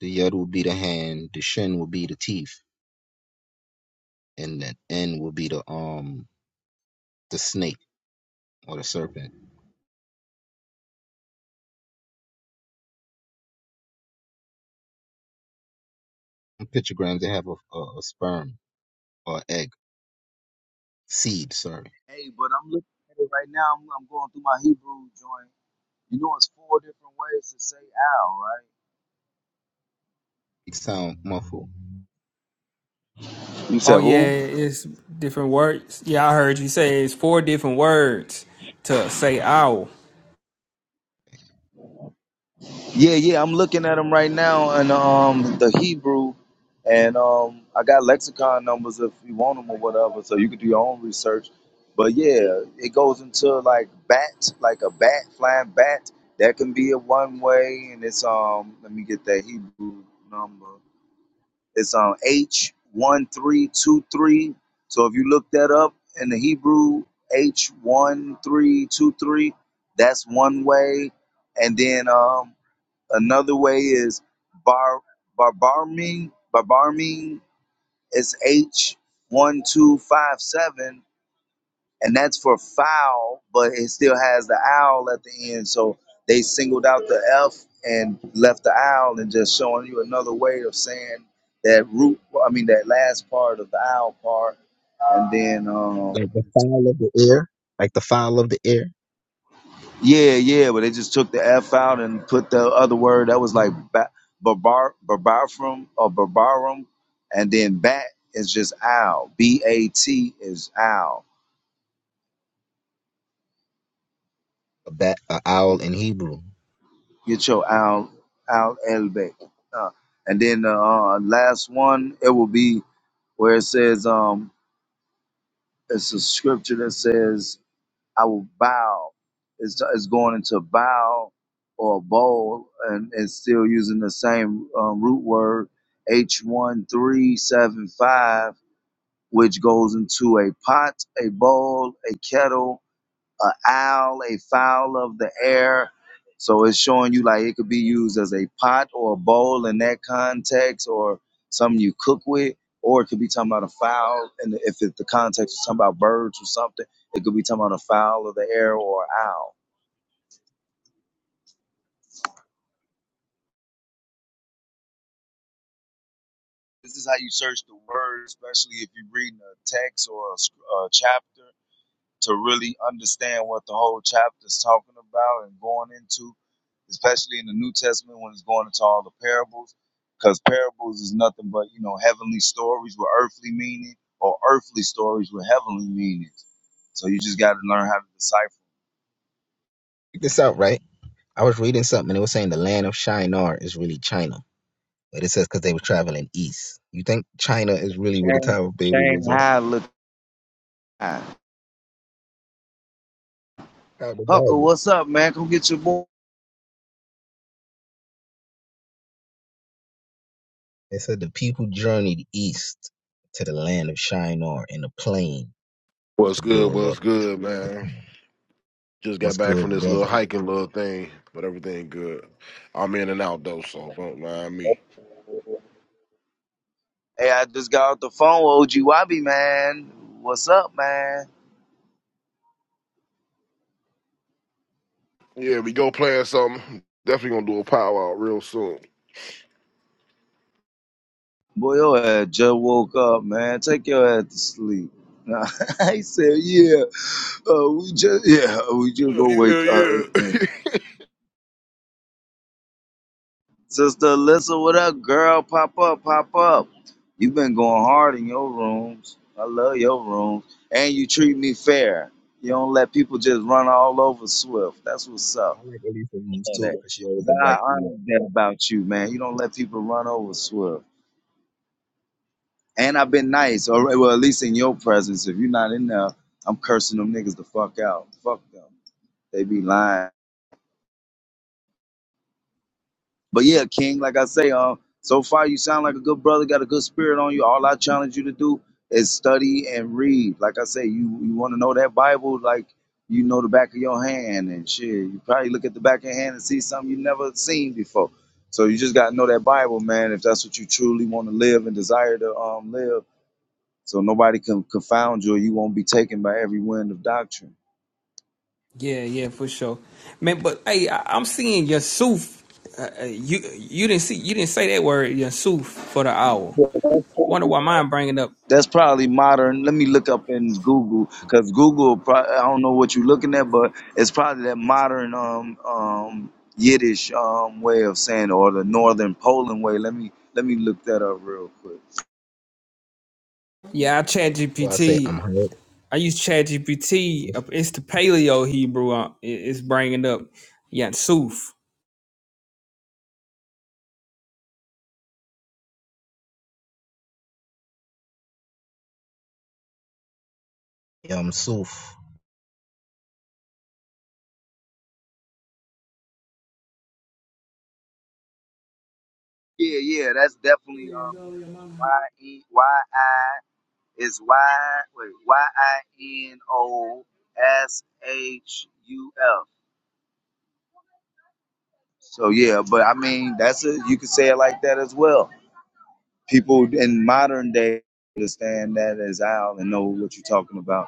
Speaker 5: The yud will be the hand. The shin will be the teeth, and then n will be the um the snake or the serpent. In pictograms they have a, a, a sperm or egg seed. Sorry,
Speaker 1: Hey, but I'm looking at it right now. I'm, I'm going through my Hebrew joint. You know, it's four different ways to say owl, right?
Speaker 5: it sound muffled.
Speaker 1: You
Speaker 4: Oh
Speaker 1: said
Speaker 4: yeah,
Speaker 1: who?
Speaker 4: it's different words. Yeah, I heard you say it's four different words to say owl.
Speaker 1: Yeah, yeah. I'm looking at them right now, and um, the Hebrew, and um, I got lexicon numbers if you want them or whatever, so you can do your own research. But yeah, it goes into like bat, like a bat, flying bat. That can be a one way, and it's um. Let me get that Hebrew number. It's on H one three two three. So if you look that up in the Hebrew, H one three two three, that's one way. And then um, another way is bar barbarming barbarming. It's H one two five seven and that's for foul, but it still has the owl at the end. So they singled out the F and left the owl, and just showing you another way of saying that root. well, I mean that last part of the owl part, and then um,
Speaker 5: like the fowl of the air, like the fowl of the air,
Speaker 1: yeah, yeah, but they just took the F out and put the other word that was like ba- barbar barbarum or barbarum, and then bat is just owl. B A T is owl.
Speaker 5: a bat, a owl in Hebrew.
Speaker 1: Get your Al Al Elbeck. Uh, and then the uh, last one, it will be where it says, um, it's a scripture that says, I will bow. It's, it's going into bow or bowl and it's still using the same um, root word, H1375, which goes into a pot, a bowl, a kettle, a owl, a fowl of the air. So it's showing you like it could be used as a pot or a bowl in that context, or something you cook with, or it could be talking about a fowl. And if it, the context is talking about birds or something, it could be talking about a fowl of the air or an owl. This is how you search the word, especially if you're reading a text or a, sc- a chapter. to really understand what the whole chapter is talking about and going into, especially in the New Testament when it's going into all the parables, because parables is nothing but you know heavenly stories with earthly meaning or earthly stories with heavenly meanings. So you just got to learn how to decipher.
Speaker 5: Check this out, right? I was reading something and it was saying the land of Shinar is really China, but it says because they were traveling east. You think China is really where the
Speaker 1: Shane,
Speaker 5: Tower of Babel
Speaker 1: Shane,
Speaker 5: was at?
Speaker 1: hi, look, hi.
Speaker 5: Out of the
Speaker 1: Huckle,
Speaker 5: Bible,
Speaker 1: what's up, man? Come get your boy.
Speaker 5: it said the people journeyed east to the land of Shinar in a plane
Speaker 6: What's
Speaker 5: to
Speaker 6: good?
Speaker 5: build up.
Speaker 6: What's good, man? Just got
Speaker 5: What's
Speaker 6: back
Speaker 5: good,
Speaker 6: from this little
Speaker 5: brother?
Speaker 6: hiking little thing, but everything good. I'm in and out though, so don't mind me.
Speaker 1: Hey, I just got off the phone with OG Wabi, man. What's up, man?
Speaker 6: Yeah, we go playing something. Definitely gonna do a powwow real soon.
Speaker 1: Boy, your ass just woke up, man. Take your ass to sleep. Nah, I said, yeah, uh, we just, yeah, we just
Speaker 6: Yeah,
Speaker 1: go wake
Speaker 6: yeah,
Speaker 1: up.
Speaker 6: yeah.
Speaker 1: Sister Alyssa, what up, girl? Pop up, pop up. you been going hard in your rooms. I love your rooms. And you treat me fair. You don't let people just run all over Swift. That's what's
Speaker 5: I
Speaker 1: up.
Speaker 5: like Elisa
Speaker 1: I
Speaker 5: Rooms
Speaker 1: love
Speaker 5: too
Speaker 1: that.
Speaker 5: because she always
Speaker 1: God
Speaker 5: invite me up.
Speaker 1: honors that about you, man. You don't let people run over Swift. And I've been nice, or well, at least in your presence. If you're not in there, I'm cursing them niggas the fuck out. Fuck them. They be lying. But yeah, King, like I say, uh, so far you sound like a good brother, got a good spirit on you. All I challenge you to do is study and read. Like I say, you you want to know that Bible, like you know the back of your hand and shit. You probably look at the back of your hand and see something you never seen before. So you just gotta know that Bible, man. If that's what you truly want to live and desire to um live So nobody can confound you or you won't be taken by every wind of doctrine.
Speaker 4: Yeah, yeah, for sure, man. But hey, I, I'm seeing Yusuf. Uh, uh, you you didn't see you didn't say that word Yusuf for the owl. Wonder why mine bringing up?
Speaker 1: That's probably modern. Let me look up in Google because Google, pro- I don't know what you're looking at, but it's probably that modern um, um, Yiddish um, way of saying or the Northern Poland way. Let me let me look that up real quick.
Speaker 4: Yeah, I chat
Speaker 5: So I say
Speaker 4: GPT.
Speaker 5: I'm hurt,
Speaker 4: I use chat GPT. It's the Paleo Hebrew. uh, it- It's bringing up Yusuf.
Speaker 5: yeah, I'm soof.
Speaker 1: Yeah, yeah, that's definitely um, Y E Y I is Y wait Y I N O S H U F. So yeah, but I mean that's it. You could say it like that as well. People in modern day understand that as owl and know what you're talking about.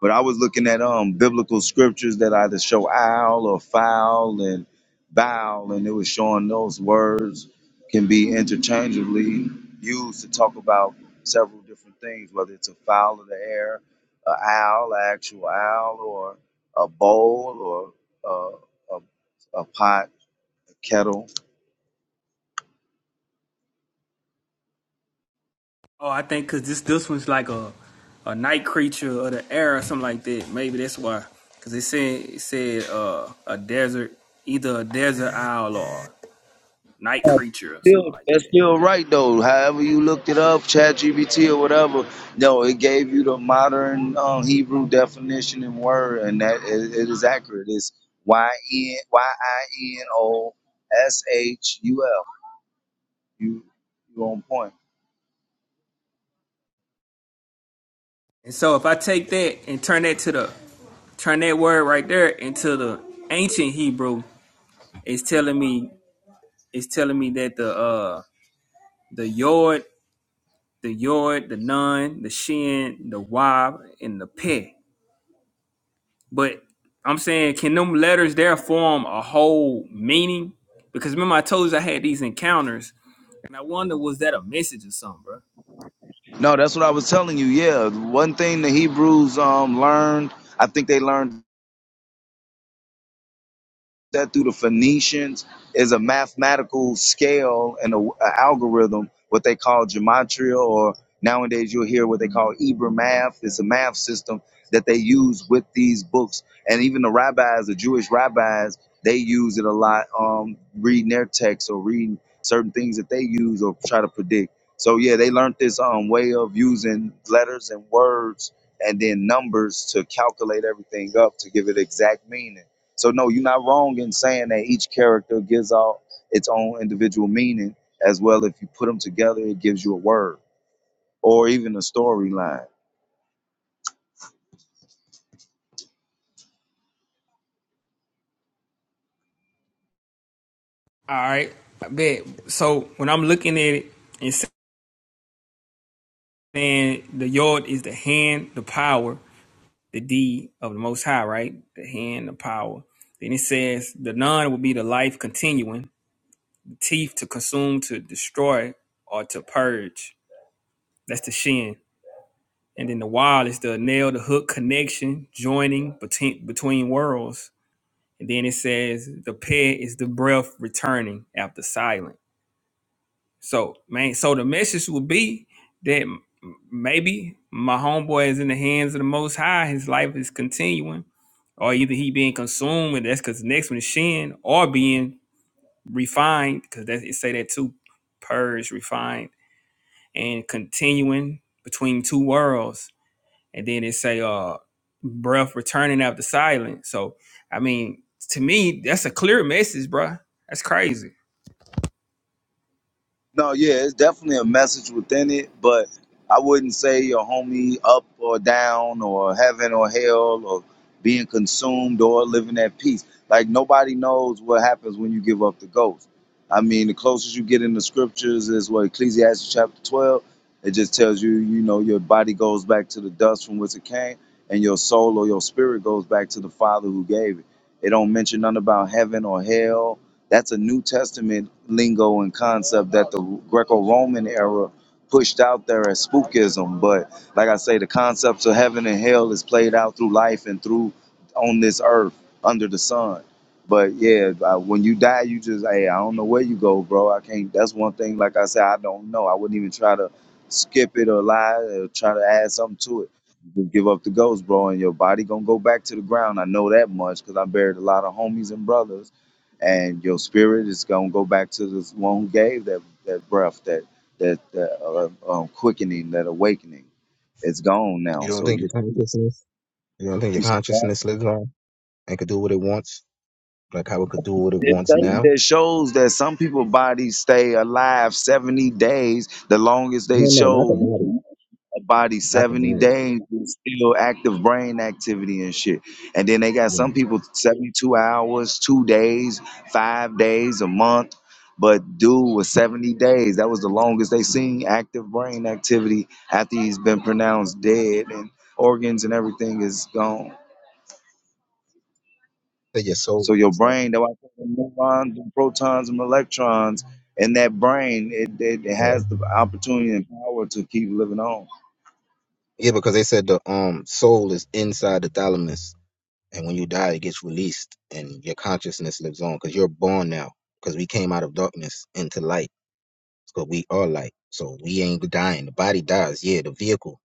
Speaker 1: But I was looking at um biblical scriptures that either show owl or foul and bow, and it was showing those words can be interchangeably used to talk about several different things, whether it's a fowl of the air, a owl, an actual owl, or a bowl, or uh, a, a pot, a kettle
Speaker 4: Oh, I think because this this one's like a a night creature or the air or something like that. Maybe that's why. Because it said it said uh, a desert, either a desert owl or night creature or something
Speaker 1: still
Speaker 4: like
Speaker 1: that's
Speaker 4: that.
Speaker 1: still right though. However you looked it up, ChatGPT or whatever, no, it gave you the modern um, Hebrew definition and word, and that it, it is accurate. It's Y N Y I N O S H U L. You you on point.
Speaker 4: And so if I take that and turn that to the turn that word right there into the ancient Hebrew, it's telling me it's telling me that the uh the yod, the yod, the nun, the shin, the wab, and the peh. But I'm saying, can them letters there form a whole meaning? Because remember, I told you I had these encounters, and I wonder was that a message or something, bro?
Speaker 1: No, that's what I was telling you. Yeah, one thing the Hebrews um learned, I think they learned that through the Phoenicians is a mathematical scale and a, a algorithm, what they call gematria, or nowadays you'll hear what they call Ibra math. It's a math system that they use with these books, and even the rabbis, the Jewish rabbis, they use it a lot, um, reading their texts or reading certain things that they use or try to predict. So yeah, they learned this um, way of using letters and words and then numbers to calculate everything up to give it exact meaning. So no, you're not wrong in saying that each character gives out its own individual meaning as well. If you put them together, it gives you a word or even a storyline.
Speaker 4: All right, I bet. So when I'm looking at it and saying the yod is the hand, the power, the deed of the Most High, right? The hand, the power. Then it says the none will be the life continuing, the teeth to consume, to destroy, or to purge. That's the shin. And then the wild is the nail, the hook connection, joining between between worlds. And then it says the pet is the breath returning after silence. So man, so the message would be that maybe my homeboy is in the hands of the Most High. His life is continuing, or either he being consumed, and that's because the next one is Shin, or being refined, because that it say that too, purged, refined, and continuing between two worlds. And then it say, uh, breath returning after silence. So I mean, to me, that's a clear message, bruh. That's crazy.
Speaker 1: No, yeah, it's definitely a message within it, but I wouldn't say your homie up or down or heaven or hell or being consumed or living at peace. Like nobody knows what happens when you give up the ghost. I mean, the closest you get in the scriptures is what Ecclesiastes chapter 12. It just tells you, you know, your body goes back to the dust from which it came, and your soul or your spirit goes back to the Father who gave it. It don't mention nothing about heaven or hell that's a New Testament lingo and concept that the Greco-Roman era pushed out there as spookism. But like I say, the concepts of heaven and hell is played out through life and through on this earth under the sun. But yeah, uh, when you die, you just hey, I don't know where you go, bro. I can't. That's one thing. Like I said, I don't know. I wouldn't even try to skip it or lie or try to add something to it. You just give up the ghost, bro, and your body gonna go back to the ground. I know that much because I buried a lot of homies and brothers and your spirit is going to go back to the one who gave that that breath, that that, that uh, um, quickening, that awakening. It's gone
Speaker 5: You
Speaker 1: now.
Speaker 5: don't
Speaker 1: So
Speaker 5: think
Speaker 1: you
Speaker 5: your
Speaker 1: you
Speaker 5: consciousness, you don't think your
Speaker 1: survived.
Speaker 5: consciousness lives on? and could do what it wants, like how it could do what it
Speaker 1: It
Speaker 5: wants
Speaker 1: shows
Speaker 5: now.
Speaker 1: it shows that some people bodies stay alive 70 days, the longest they
Speaker 5: No, no, not the body,
Speaker 1: show. that body
Speaker 5: not the
Speaker 1: 70
Speaker 5: body.
Speaker 1: days with still active brain activity and shit. And then they got
Speaker 5: Yeah,
Speaker 1: some people 72 hours, two days, five days, a month. But dude was 70 days. That was the longest they seen active brain activity after he's been pronounced dead and organs and everything is gone.
Speaker 5: Say your soul.
Speaker 1: So your
Speaker 5: So,
Speaker 1: brain, though I think the neurons and protons and electrons in that brain, it, it, it
Speaker 5: yeah.
Speaker 1: has the opportunity and power to keep living on.
Speaker 5: yeah, because they said the um soul is inside the thalamus, and when you die, it gets released, and your consciousness lives on because you're born now. Because we came out of darkness into light, because we are light. So we ain't dying. The body dies, yeah, the vehicle,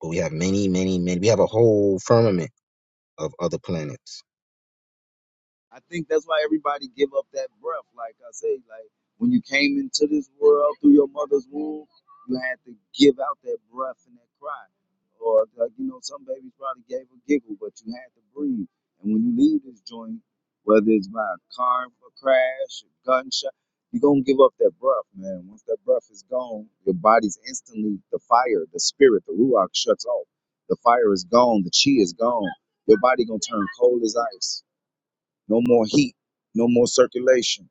Speaker 5: but we have many, many, many. We have a whole firmament of other planets.
Speaker 1: I think that's why everybody give up that breath. Like I say, like when you came into this world through your mother's womb, you had to give out that breath and that cry. Or like, you know, some babies probably gave a giggle, but you had to breathe. And when you leave this joint, whether it's by a car a crash, a gunshot, you're gonna give up that breath, man. Once that breath is gone, your body's instantly the fire, the spirit, the ruach shuts off. The fire is gone, the chi is gone. Your body gonna turn cold as ice no more heat. No more circulation.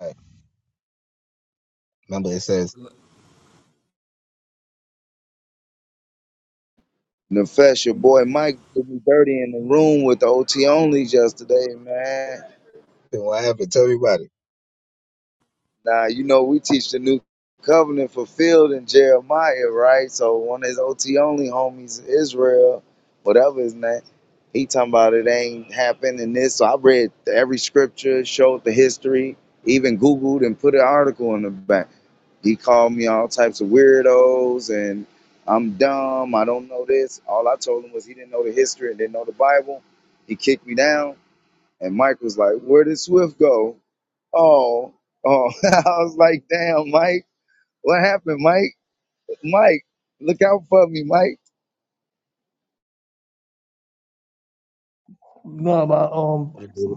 Speaker 5: Right. Remember, it says,
Speaker 1: Nefesh, your boy Mike did me dirty in the room with the OT onlys yesterday, man.
Speaker 5: "What happened? Tell me about
Speaker 1: Now, you know, we teach the new covenant fulfilled in Jeremiah, right? So one of his OT only homies, Israel, whatever his name, he talking about it ain't happened and this. So I read every scripture, showed the history, even Googled and put an article in the back. He called me all types of weirdos and I'm dumb. I don't know this. All I told him was he didn't know the history and didn't know the Bible. He kicked me down. And Mike was like, Where did Swift go? Oh, oh. I was like, Damn, Mike. What happened, Mike? Mike, look out for me, Mike.
Speaker 5: it."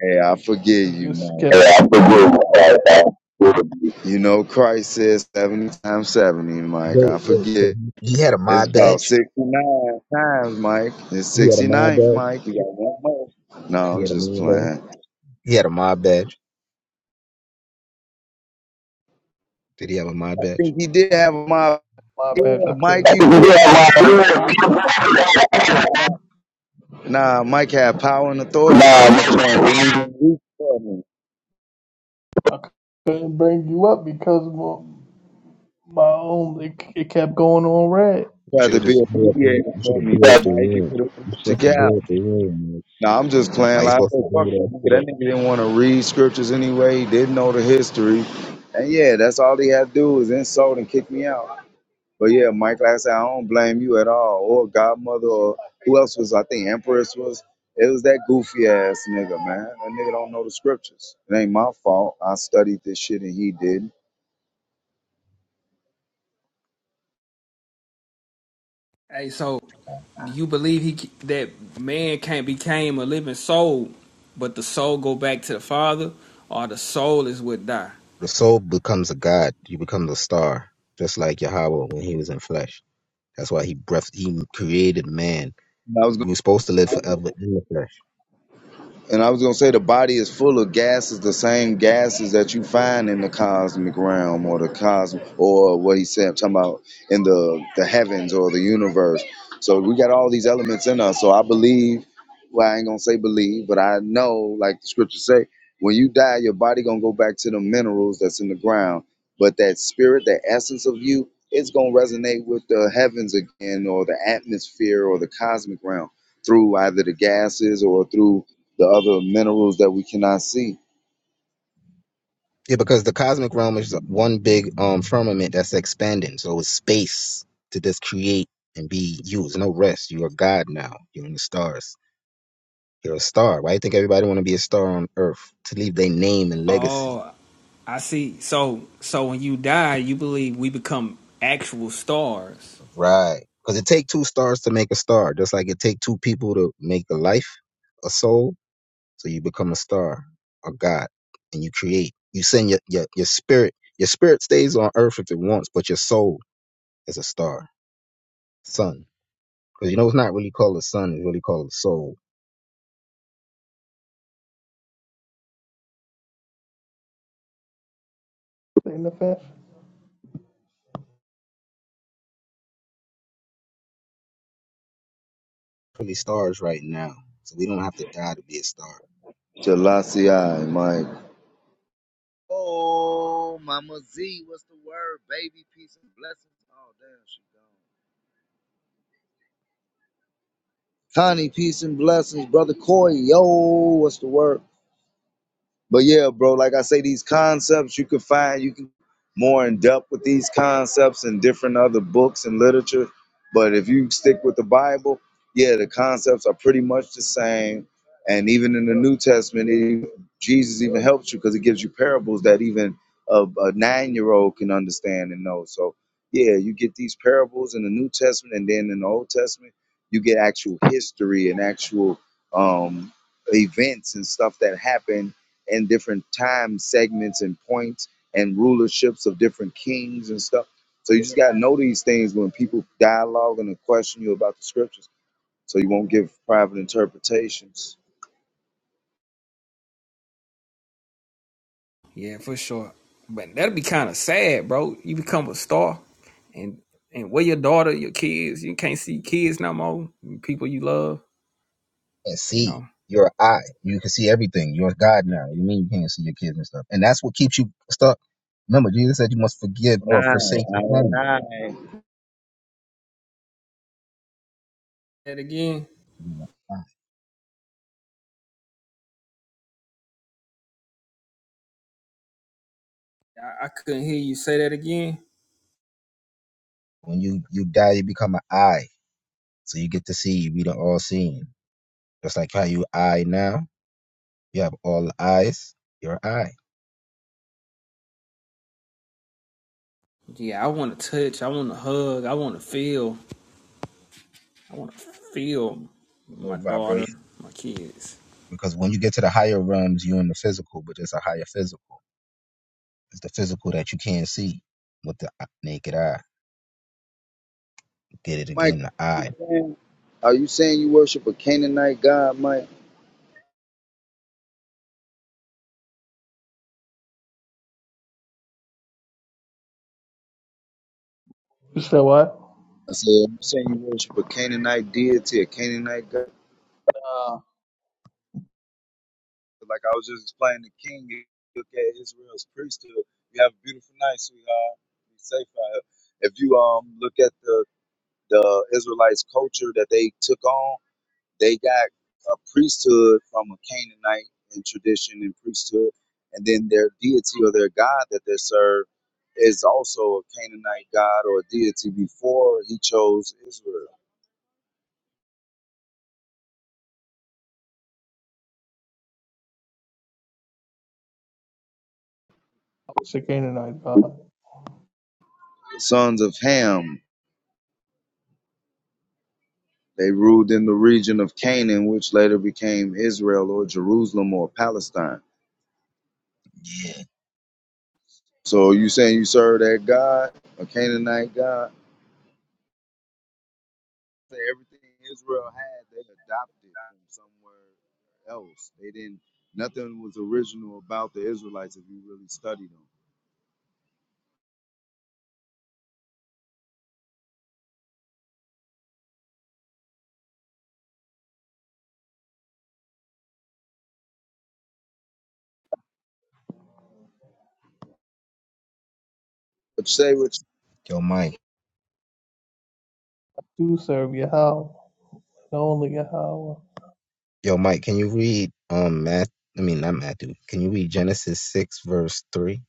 Speaker 1: Hey, I forgive you, Mike. I forgive you. You know, Christ says 70 times 70, Mike.
Speaker 5: Wait,
Speaker 1: I
Speaker 5: wait.
Speaker 1: forgive.
Speaker 5: So he, he had a
Speaker 1: It's
Speaker 5: mod
Speaker 1: about
Speaker 5: badge.
Speaker 1: 69 times, Mike. It's
Speaker 5: He had a mod
Speaker 1: 69th,
Speaker 5: badge.
Speaker 1: Mike. You got one more. No,
Speaker 5: He
Speaker 1: I'm
Speaker 5: had a
Speaker 1: just
Speaker 5: mod badge.
Speaker 1: playing.
Speaker 5: He had a mod badge. Did he have a mod
Speaker 1: I
Speaker 5: badge?
Speaker 1: think he did have a mob. Yeah, Mike, you did have power, man. Nah, nah, Mike had power and authority in that joint. Didn't even reach for me.
Speaker 5: You
Speaker 1: Tried
Speaker 5: should
Speaker 1: to
Speaker 5: have just
Speaker 1: be a
Speaker 5: blew up. The,
Speaker 1: mediator
Speaker 5: you should
Speaker 1: for
Speaker 5: have
Speaker 1: me.
Speaker 5: blew up the
Speaker 1: Mike, you could
Speaker 5: room.
Speaker 1: have
Speaker 5: You're
Speaker 1: reached the
Speaker 5: supposed to
Speaker 1: gap.
Speaker 5: blow up the room. Man.
Speaker 1: Nah, I'm just
Speaker 5: Why
Speaker 1: playing.
Speaker 5: you
Speaker 1: Like, I
Speaker 5: supposed to
Speaker 1: said,
Speaker 5: blow
Speaker 1: fuck that
Speaker 5: that
Speaker 1: nigga.
Speaker 5: shit up?
Speaker 1: That nigga didn't want to read scriptures anyway. He didn't know the history. And yeah, that's all he had to do was insult and kick me out. But yeah, Mike, like I said, I don't blame you at all. Or Godmother, or who else was, I think Empress was. It was that goofy ass nigga, man. That nigga don't know the scriptures. It ain't my fault. I studied this shit and he didn't.
Speaker 4: Hey, so. Do you believe he that man can't became a living soul, but the soul go back to the father, or the soul is what die?
Speaker 5: The soul becomes a god. You become the star, just like Yahweh when he was in flesh. That's why he breath. He created man.
Speaker 1: And I was
Speaker 5: We were supposed to live forever in the flesh.
Speaker 1: And I was gonna say the body is full of gases, the same gases that you find in the cosmic realm or the cosmic or what he said, I'm talking about in the the heavens or the universe. So we got all these elements in us. So I believe, well, I ain't gonna say believe, but I know, like the scriptures say, when you die, your body gonna go back to the minerals that's in the ground. But that spirit, that essence of you, it's gonna resonate with the heavens again or the atmosphere or the cosmic realm through either the gases or through the other minerals that we cannot see.
Speaker 5: Yeah, because the cosmic realm is one big um firmament that's expanding. So it's space to just create and be used. No rest. You're God now. You're in the stars. You're a star. Why you think everybody want to be a star on Earth to leave their name and legacy?
Speaker 4: Oh, I see. So, so when you die, you believe we become actual stars.
Speaker 5: Right. Because it take two stars to make a star, just like it take two people to make a life, a soul. So you become a star, a God, and you create. You send your your, your spirit. Your spirit stays on Earth if it wants, but your soul is a star, sun. Because you know, it's not really called a sun, it's really called a soul. Really stars right now. So we don't have to die to be a star.
Speaker 1: Jalasi, Mike. Oh, Mama Z, what's the word? Baby, peace and blessings. Oh, damn, she gone. Connie, peace and blessings. Brother Corey, yo, what's the word? But yeah, bro, like I say, these concepts you can find, you can more in depth with these concepts in different other books and literature. But if you stick with the Bible, yeah, the concepts are pretty much the same. And even in the New Testament, it, Jesus even helps you because it gives you parables that even a, a nine year old can understand and know. So, yeah, you get these parables in the New Testament, and then in the Old Testament, you get actual history and actual um, events and stuff that happened and different time segments and points and rulerships of different kings and stuff. So you just gotta know these things when people dialogue and question you about the scriptures, so you won't give private interpretations.
Speaker 4: Yeah, for sure. But that'd be kind of sad, bro. You become a star, and and where your daughter, your kids, you can't see kids no more. People you love,
Speaker 5: And
Speaker 4: you
Speaker 5: see,
Speaker 4: know.
Speaker 5: you're an eye. You can see everything. You're God now. You mean you can't see your kids and stuff. And that's what keeps you stuck. Remember, Jesus said you must forgive
Speaker 1: Nine,
Speaker 5: or forsake your
Speaker 1: nine,
Speaker 5: family.
Speaker 1: nine.
Speaker 4: That again, I, I couldn't hear you say that again.
Speaker 5: When you, you die, you become an eye. So you get to see, we don't all seeing. Just like how you eye now, you have all eyes, you're an eye.
Speaker 4: Yeah, I want to touch. I want to hug. I want to feel. I want to feel
Speaker 5: Low
Speaker 4: my daughter,
Speaker 5: vibration.
Speaker 4: my kids.
Speaker 5: Because when you get to the higher realms, you're in the physical, but it's a higher physical. It's the physical that you can't see with the eye- naked eye. Did it again,
Speaker 1: Mike,
Speaker 5: the eye.
Speaker 1: are you saying you worship a Canaanite god, Mike? I said, are you saying you worship a Canaanite deity, a Canaanite god? Like I was just explaining to King, you look at Israel's priesthood. You have a beautiful night, sweetheart. Be safe out here. If you um look at the the Israelites' culture that they took on, they got a priesthood from a Canaanite in tradition and priesthood, and then their deity or their god that they serve is also a Canaanite god or a deity before he chose Israel. The sons of Ham, they ruled in the region of Canaan, which later became Israel or Jerusalem or Palestine. So you saying you serve that god, a Canaanite god? Say everything Israel had, they adopted from somewhere else. They didn't. Nothing was original about the Israelites if you really study them. But say what? you-
Speaker 5: Yo, Mike. Yo, Mike. Can you read um math? I mean, not Matthew. Can you read Genesis six verse three?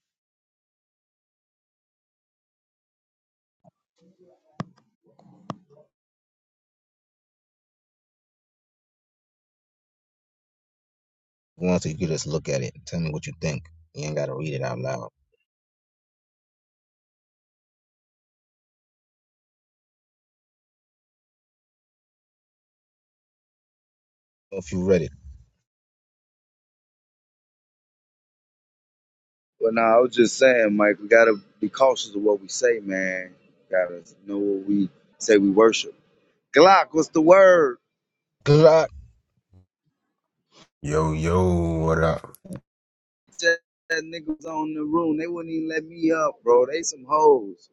Speaker 5: Once you could just look at it and tell me what you think. You ain't gotta read it out loud. If you read it,
Speaker 1: Well, no, I was just saying, Mike. We gotta be cautious of what we say, man. Gotta know what we say. We worship. Glock, what's the word?
Speaker 5: good luck.
Speaker 7: Yo, yo, what up?
Speaker 1: Said That nigga was on the room. They wouldn't even let me up, bro. They some hoes.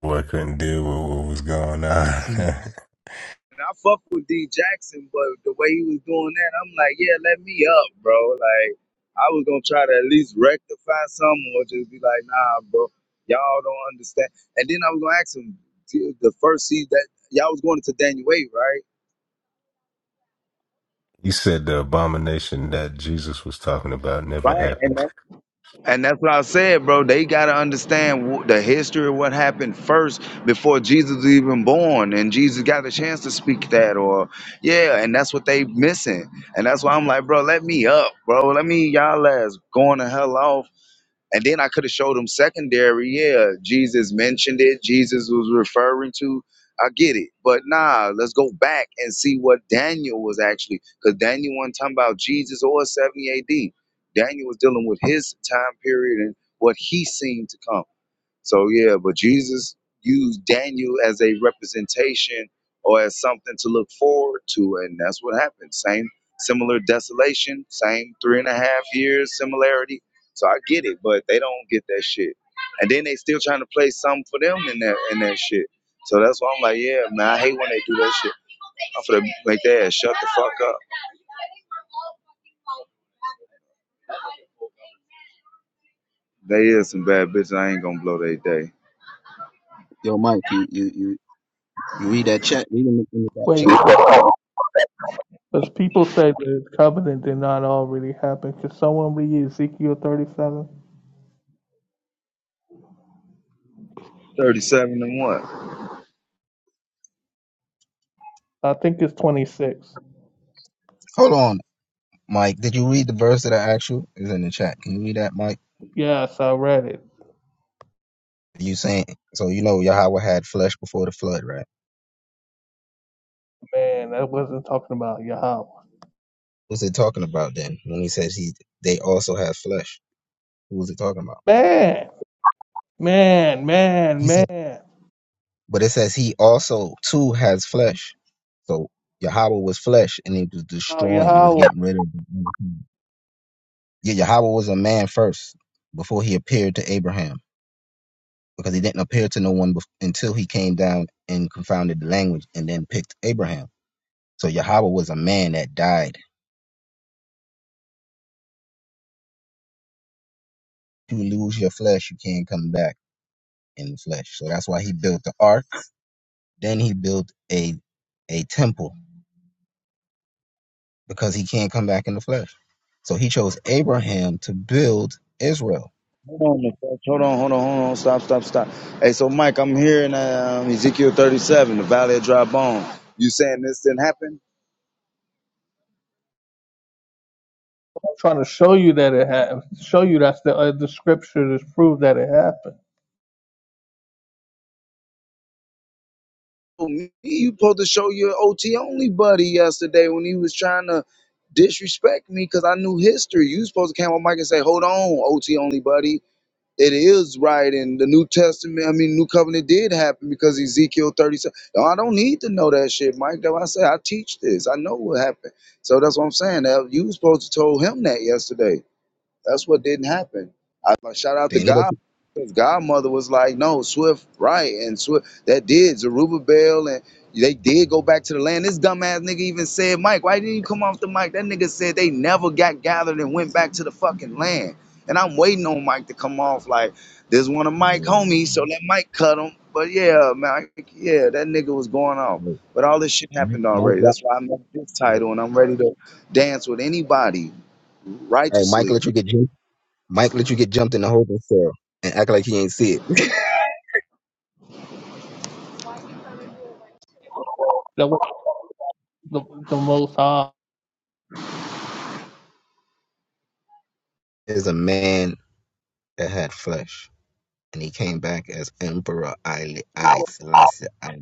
Speaker 7: Boy, couldn't deal with what was going on.
Speaker 5: See,
Speaker 1: And I fuck with D Jackson, but the way he was doing that, I'm like, yeah, let me up, bro. Like, I was gonna try to at least rectify something or just be like, nah, bro, y'all don't understand. And then I was gonna ask him the first season that y'all was going into Daniel Wade, right?
Speaker 7: you said the abomination that Jesus was talking about never
Speaker 1: Right. And
Speaker 7: happened.
Speaker 1: And that's what I said, bro. They got to understand wh- the history of what happened first before Jesus was even born, and Jesus got a chance to speak that, or yeah, and that's what they missing. And that's why I'm like, bro, let me up, bro. Let me y'all ass going to hell off and then I could have showed him secondary. Yeah, Jesus mentioned it. Jesus was referring to. I get it, but nah, let's go back and see what Daniel was actually, because Daniel wasn't talking about Jesus or 70 AD. Daniel was dealing with his time period and what he seen to come. So yeah, but Jesus used Daniel as a representation or as something to look forward to, and that's what happened. Same similar desolation, same three and a half years similarity. So I get it, but they don't get that shit. And then they still trying to play something for them in that in that shit. So that's why I'm like, yeah, man, I hate when they do that shit. I'm for the make their ass shut the fuck up. They is some bad bitches. I ain't gonna blow their day.
Speaker 5: yo, Mike. You you you you read that chat. Read in the, in the back chat, man.
Speaker 1: Thirty-seven and one.
Speaker 5: Hold on, Mike. Did you read the verse that I asked you? It's in the chat. Can you read that, Mike? You saying so? You know Yahweh had flesh before the flood, right? Who's it talking about then? When he says he they also have flesh. Who is it talking about? He said but it says he also too has flesh. So Yahweh was flesh and he was destroying, he was getting rid of Yeah, Yahweh was a man first before he appeared to Abraham. Because he didn't appear to no one bef- until he came down and confounded the language and then picked Abraham. So Yahweh was a man that died. You lose your flesh, you can't come back in the flesh. So that's why he built the ark Then he built a a temple because he can't come back in the flesh. So he chose Abraham to build Israel.
Speaker 1: Hold on, hold on, hold on, hold on. Stop, stop, stop. Hey, so Mike, I'm here in um, Ezekiel 37, the Valley of Dry Bone. You saying this didn't happen? Oh, me, You supposed to show your OT only buddy yesterday when he was trying to disrespect me because I knew history. You supposed to come on Mike and say, "Hold on, OT only buddy. it is right and the new testament i mean new covenant did happen because ezekiel 37 No, i don't need to know that shit mike that's why i say i teach this i know what happened so that's what i'm saying Now, you was supposed to told him that yesterday that's what didn't happen. I I shout out
Speaker 5: They
Speaker 1: to
Speaker 5: ended up.
Speaker 1: God because Godmother was like, no, Swift, right. And Swift, that did. Zerubbabel Bell, and they did go back to the land. This dumbass nigga even said, Mike, why didn't you come off the mic? That nigga said they never got gathered and went back to the fucking land. And I'm waiting on Mike to come off like, this one of Mike homies, so let Mike cut him. But yeah, Mike, yeah, that nigga was going off. But all this shit
Speaker 5: Mike,
Speaker 1: happened
Speaker 5: Mike,
Speaker 1: already. That's why I made this
Speaker 5: Mike-
Speaker 1: title and I'm ready to dance with anybody
Speaker 5: hey, Mike
Speaker 1: righteously
Speaker 5: let you get jumped. Mike let you get jumped in the holding cell and act like he ain't see it. There's a man that had flesh, and he came back as Emperor I I Selassie I.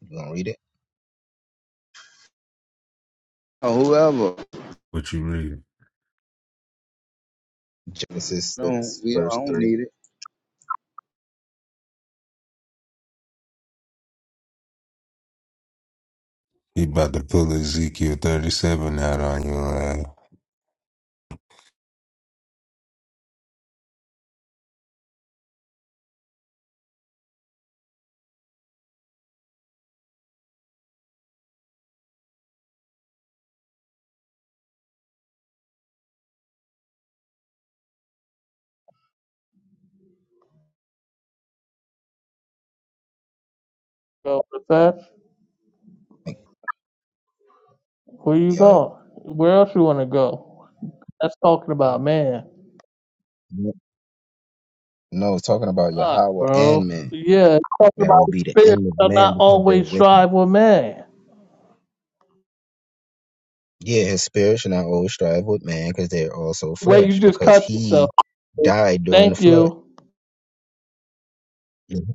Speaker 5: You gonna read it?
Speaker 1: or whoever.
Speaker 7: What you read?
Speaker 5: Genesis
Speaker 1: Don't
Speaker 5: six
Speaker 1: we? Don't, I
Speaker 5: verse
Speaker 1: don't
Speaker 5: three.
Speaker 1: need it.
Speaker 7: He about to pull Ezekiel 37 out on you.
Speaker 5: Like, yo, no, it's talking about Yahweh and man. That will be the end of man because they're with him. Yeah, his spirit shall not always strive with man because they're also flesh because he died during the flood. Mhm.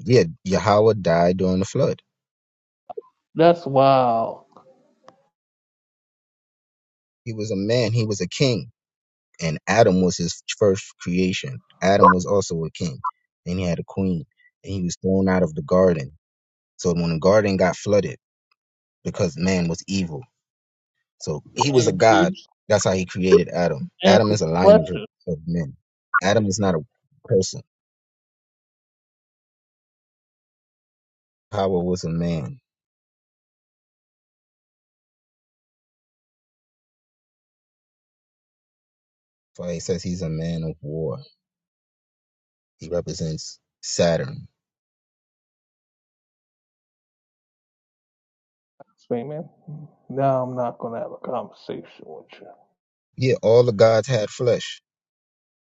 Speaker 5: Yeah, Yahweh died during the flood. He was a man, he was a king, and Adam was his first creation. Adam was also a king, and he had a queen, and he was thrown out of the garden. So when the garden got flooded because man was evil, so he was a god. That's how he created Adam. Adam is a lineage of, of men. Adam is not a person Power was a man. For he says he's a man of war. He represents Saturn. Yeah, all the gods had flesh,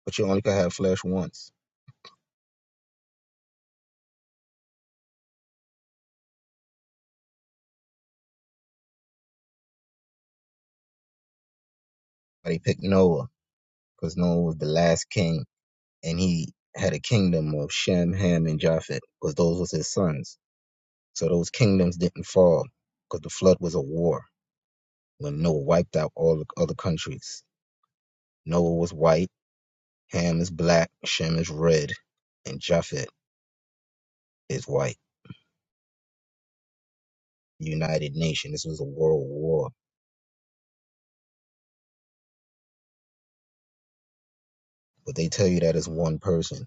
Speaker 5: but you only could have flesh once. But he picked Noah because Noah was the last king, and he had a kingdom of Shem, Ham, and Japhet because those was his sons. So those kingdoms didn't fall because the flood was a war when Noah wiped out all the other countries. Noah was white, Ham is black, Shem is red, and Japhet is white. United Nation. This was a world war but they tell you that it's one person.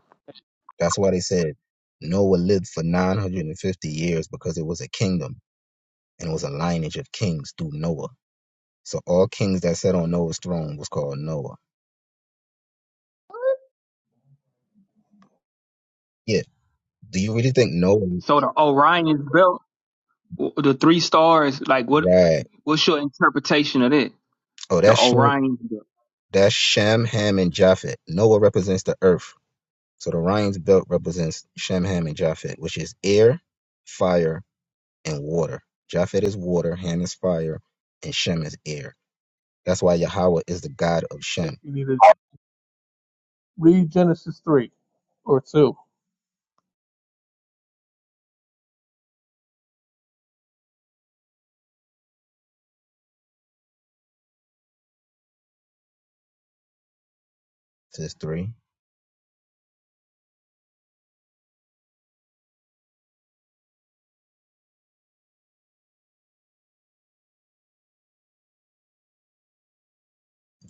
Speaker 5: That's why they said Noah lived for 950 years because it was a kingdom and it was a lineage of kings through Noah. So all kings that sat on Noah's throne was called Noah. Yeah. Do you really think Noah?
Speaker 4: So the Orion's belt, w- the three stars, like what?
Speaker 5: Right.
Speaker 4: What's your interpretation of that?
Speaker 5: Oh,
Speaker 4: The
Speaker 5: that's Shem,
Speaker 4: Orion's belt.
Speaker 5: that's Shem, Ham, and Japhet. Noah represents the earth. So the Orion's belt represents Shem, Ham, and Japhet, which is air, fire, and water. Japhet is water, Ham is fire, and Shem is air. That's why Yahweh is the God of Shem. Genesis 3.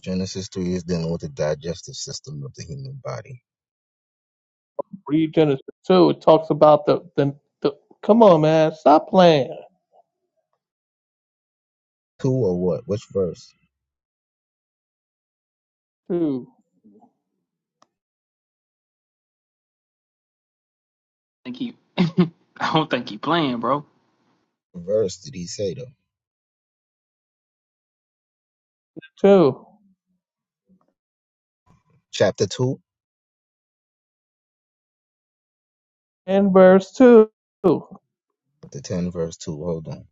Speaker 5: Genesis 3 is dealing with the digestive system of the human body. 2 or what? Which verse?
Speaker 4: Thank you. I don't think he playing, bro.
Speaker 5: What Verse did he say though? Chapter 2? Chapter 10, verse 2. Hold on.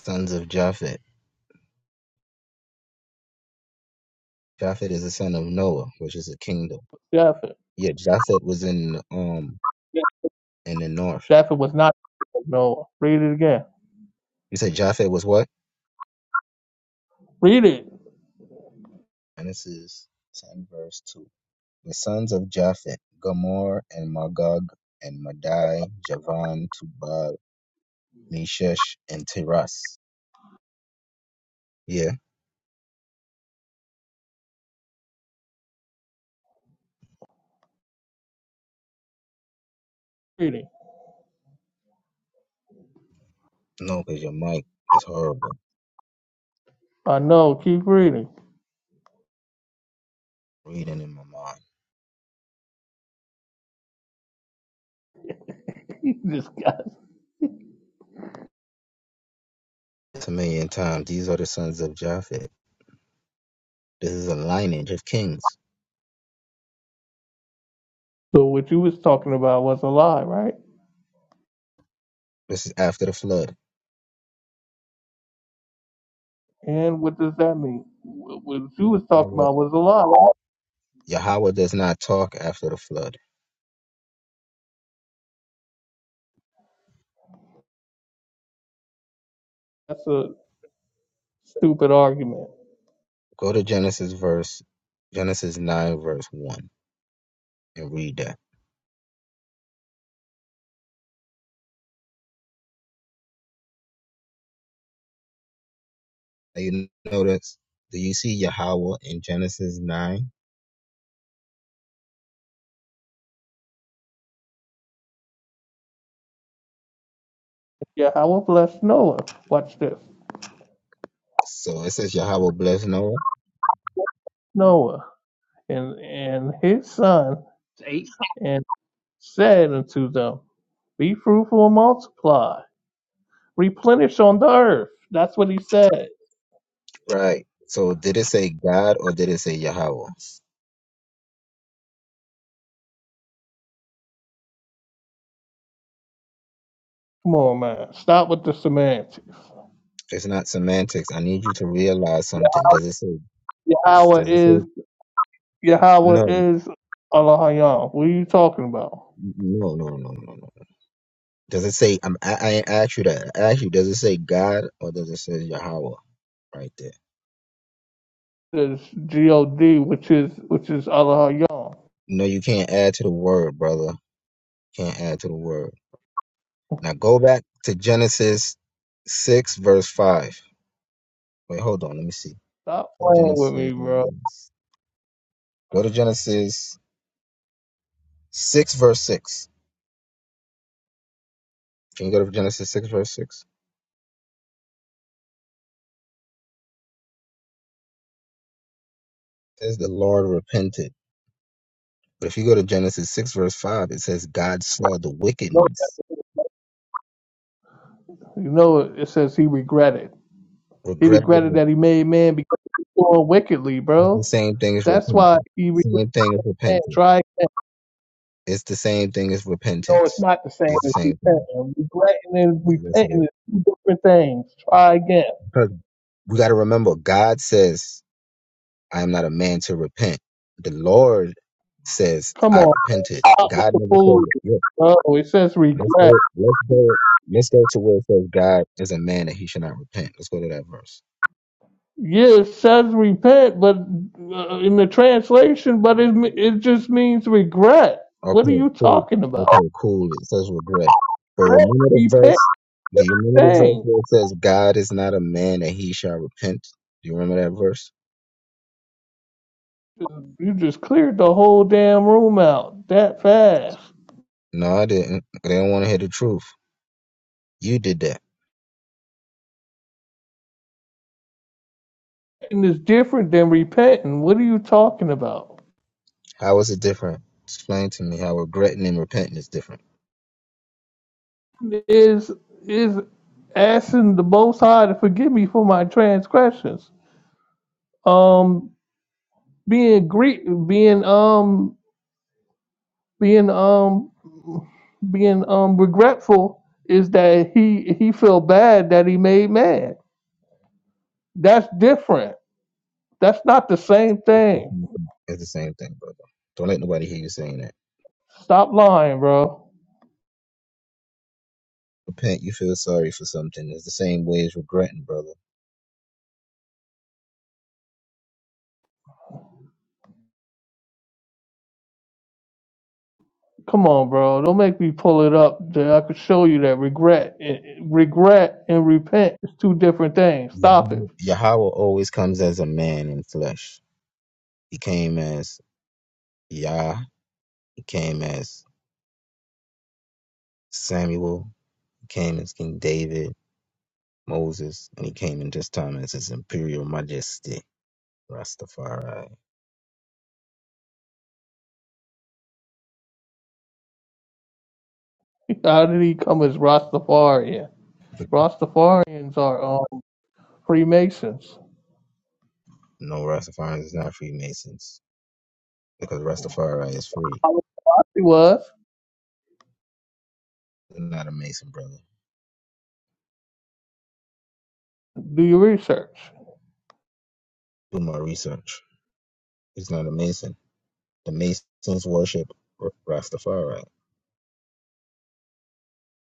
Speaker 5: Sons of Japhet. Japhet is a son of Noah, which is a kingdom. Yeah, Japhet was in um in the north. You said Japhet was what? Genesis 10, verse 2. The sons of Japhet, Gomer and Magog and Madai, Javan, Tubal, Meshech, and Tiras. Yeah, no, because your mic is horrible. Reading in my mind. It's a million times. These are the sons of Japhet. This is a lineage of kings. This is after the flood. Yahweh Yahweh does not talk after the flood. Go to Genesis verse Genesis nine verse one and read that. Now you notice do you see Yahweh in Genesis nine? So it says Yahweh bless Noah.
Speaker 4: It's Eight.
Speaker 5: Right. So did it say God or did it say Yahweh? It's not semantics. I need you to realize something. Does it say does it say no no no no no no no. Does it say I'm I, I ain't asked you that. I asked you, does it say God or does it say Yahweh right there? No, you can't add to the word, brother. Can't add to the word. Now go back to Genesis six verse five. Wait, hold on, let me see. Genesis go to Genesis 6 verse 6 can you go to genesis 6 verse 6 it says the lord repented but if you go to genesis 6 verse 5 it says god saw the wickedness regretted is the same thing as repentance same thing as repentance it's the same thing as repentance it's the same thing yes it is because we got to remember god says i am not a man to repent the lord says i repented god never says yeah Let's go. Let's go. Let's go to where it says God is a man that he should not repent. Let's go to that verse. Okay, cool. Okay, cool. It says regret. But remember the verse. Do you remember the verse where it says God is not a man that he shall repent? Do you remember that verse? No, I didn't. They don't want to hear the truth. You did that. How is it different? Explain to me how regretting and repenting is different. It's the same thing, brother. Don't let nobody hear you saying that. Repent, you feel sorry for something. It's the same way as regretting, brother. Yah- Yahweh always comes as a man in flesh. He came as Yah, he came as Samuel, he came as King David, Moses, and he came in this time as his imperial majesty, Rastafari. No, Rastafari is not Freemasons because Rastafari is free. He's not a Mason, brother. Do my research. He's not a Mason. The Masons worship R- Rastafari.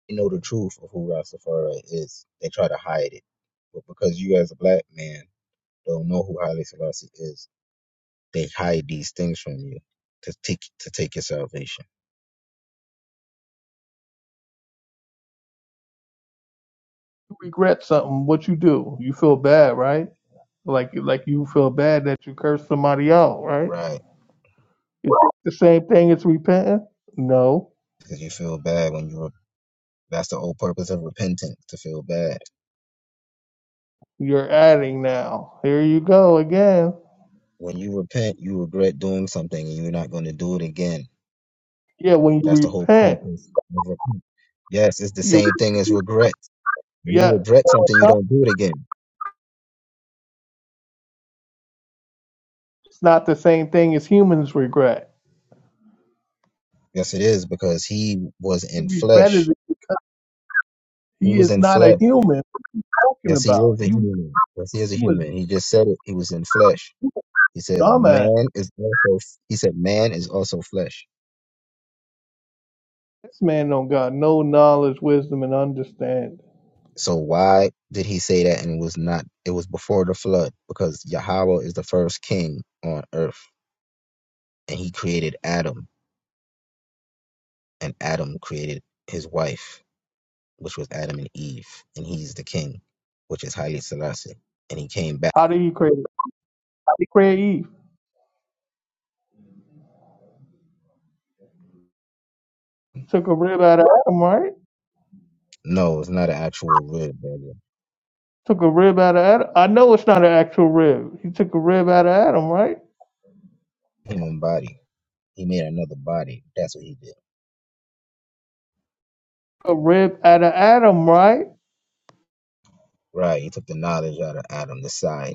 Speaker 5: you know the truth of who Rastafari is. They try to hide it. But because you as a black man don't know who Haile Selassie is, they hide these things from you to take to take your salvation. Right. Because you feel bad when you re- that's the whole purpose of repentance, to feel bad. When you repent, you regret doing something and you're not gonna do it again. That's the whole purpose of repent. Yes, it's the same thing as regret. When you regret something, you don't do it again. Yes, it is because he was in flesh. He was in flesh. Yes, he is a human. Yes, he is a human. He just said it. He was in flesh. He says, man is also, he said, man is also flesh. So why did he say that? And it was not, it was before the flood because Yahweh is the first king on earth and he created Adam and Adam created his wife, which was Adam and Eve. And he's the king, which is Haile Selassie. And he came back. No, it's not an actual rib, brother. Human body. He made another body. That's what he did. Right. He took the knowledge out of Adam, the side.